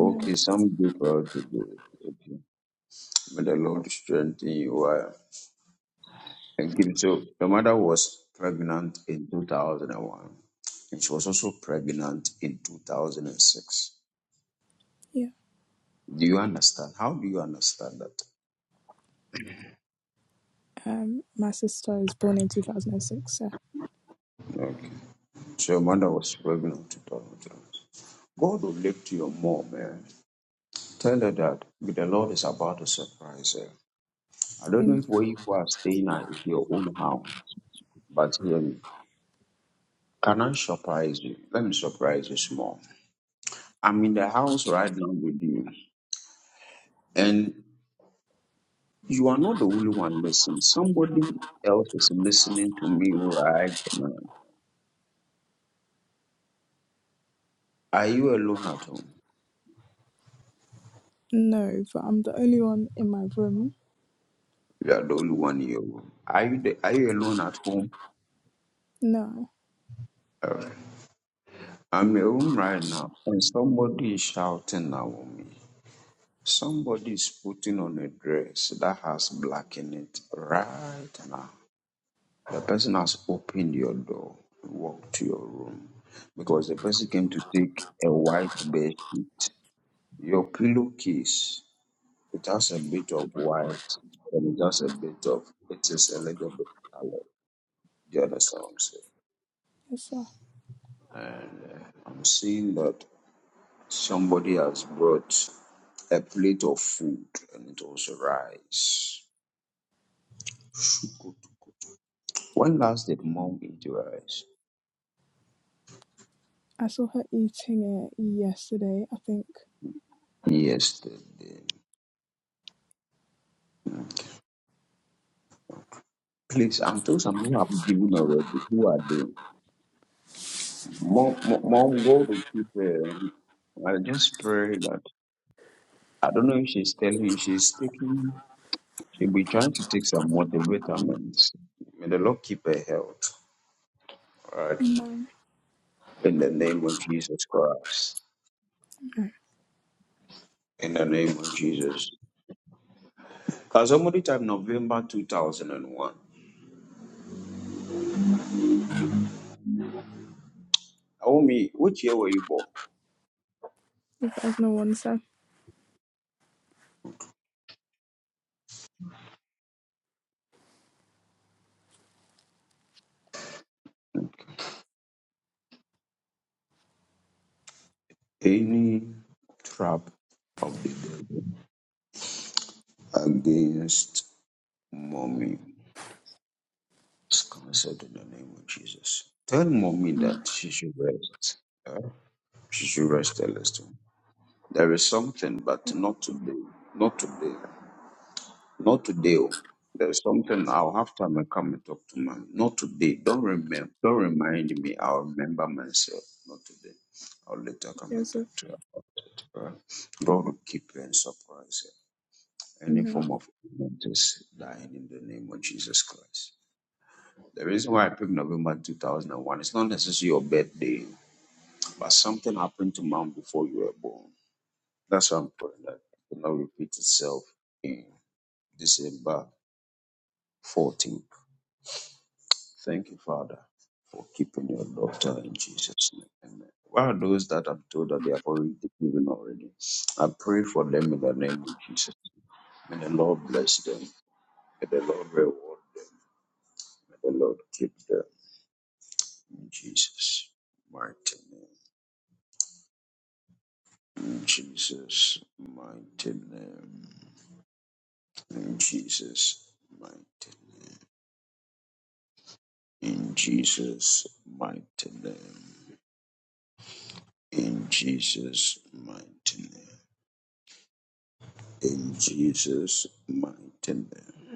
Amen.
some people are to do it. Okay. May the Lord strengthen you. Why? Thanksgiving. So my mother was pregnant in 2001, and one, and she was also pregnant in 2006.
Yeah.
Do you understand? How do you understand that?
Um, my sister is born in 2006, sir.
Okay. So your mother was pregnant in 2001. God will lift your mom, man. Tell her that the Lord is about to surprise her. I don't know
Amen.
if where you are staying at is your own house, but um, can I surprise you? Let me surprise you small. I'm in the house right now with you, and You are not the only one listening. Somebody else is listening to me right now. Are you alone at home?
No, but I'm the only one in my room.
You are the only one in your room. Are you the, are you alone at home?
No.
Uh, I'm in a room right now, and somebody is shouting now at me. Somebody is putting on a dress that has black in it right now. The person has opened your door, to walk to your room, because the person came to take a white bed sheet, your pillowcase. It has a bit of white and it has a bit of it is a little bit colored. The other sounds.
Yes, sir.
I'm saying? I'm seeing that somebody has brought a plate of food and it was rice. When last did mom eat rice?
I saw her eating it yesterday, I think.
Yesterday. Please, I'm told some who have given already. Who are they? Mom, mom, mom, go to keep. um, I just pray that I don't know if she's telling you she's taking. She'll be trying to take some multivitamins. May the Lord keep her health. All right.
No.
In the name of Jesus Christ.
No.
In the name of Jesus. Because somebody type November 2001. Naomi, which year were you born?
There's no one, sir.
Any trap of the devil against mommy is cancelled in the name of Jesus. Tell mommy
Mm.
that she should rest. Yeah? She should rest a little. There is something, but not today. Not today. Not today. oh. There's something I'll have time I come and talk to man. Not today. Don't remember. Don't remind me. I'll remember myself. Not today. I'll later come
Yes,
and talk
sir.
to her. about it. Uh, God will keep her and surprise her. Any
Amen.
form of evil is dying in the name of Jesus Christ. The reason why I picked November 2001 is not necessarily your birthday, but something happened to man before you were born. That's why I'm praying that it will not repeat itself in December 14th. Thank you, Father, for keeping your daughter in Jesus' name. Amen. Where are those that I'm told that they have already given already? I pray for them in the name of Jesus. May the Lord bless them. May the Lord reward them. May the Lord keep them in Jesus' mighty name. In Jesus' mighty name. In Jesus' mighty name. In Jesus' mighty name. In Jesus' mighty name. in Jesus' mighty name.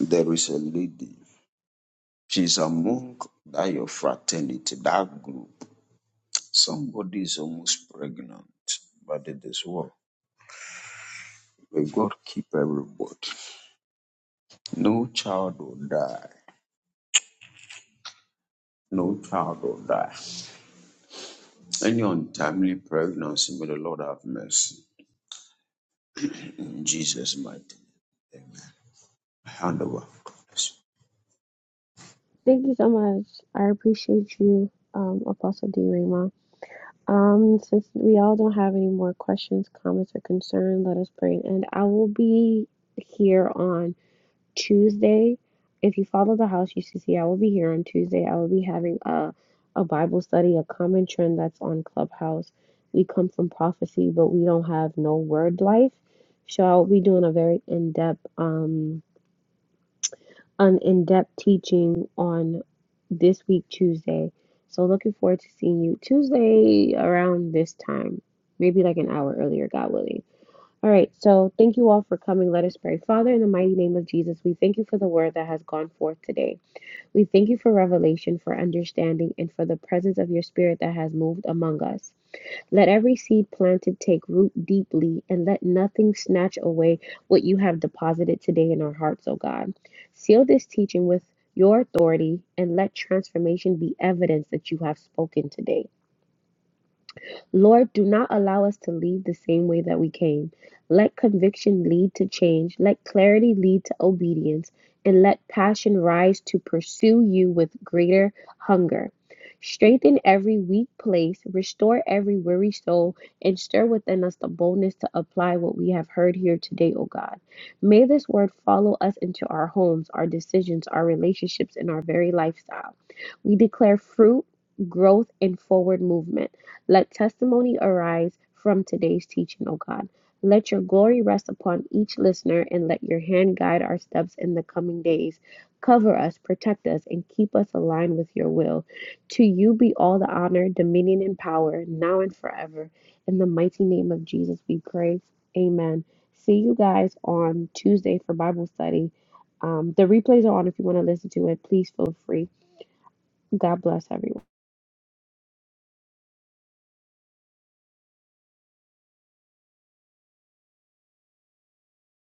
There is a lady. She's among that your fraternity, that group. Somebody is almost pregnant, but it is what? May God keep everybody. No child will die. No child will die. Any untimely pregnancy, may the Lord have mercy. In Jesus' mighty name. Amen. Hand over. God bless you.
Thank you so much. I appreciate you, um, Apostle D. Rayma. Um, since we all don't have any more questions, comments, or concern, let us pray and end. I will be here on Tuesday. If you follow the house, you should see I will be here on Tuesday. I will be having a a Bible study, a common trend that's on Clubhouse. We come from prophecy, but we don't have no word life. So I will be doing a very in depth um an in-depth teaching on this week Tuesday. So looking forward to seeing you Tuesday around this time, maybe like an hour earlier, God willing. All right, so thank you all for coming. Let us pray. Father, in the mighty name of Jesus, we thank you for the word that has gone forth today. We thank you for revelation, for understanding, and for the presence of your spirit that has moved among us. Let every seed planted take root deeply, and let nothing snatch away what you have deposited today in our hearts, O God. Seal this teaching with your authority, and let transformation be evidence that you have spoken today. Lord, do not allow us to leave the same way that we came. Let conviction lead to change, let clarity lead to obedience, and let passion rise to pursue you with greater hunger. Strengthen every weak place, restore every weary soul, and stir within us the boldness to apply what we have heard here today, O God. May this word follow us into our homes, our decisions, our relationships, and our very lifestyle. We declare fruit, growth, and forward movement. Let testimony arise from today's teaching, O God. Let your glory rest upon each listener and let your hand guide our steps in the coming days. Cover us, protect us, and keep us aligned with your will. To you be all the honor, dominion, and power, now and forever. In the mighty name of Jesus, we pray. Amen. See you guys on Tuesday for Bible study. Um, the replays are on if you want to listen to it. Please feel free. God bless everyone.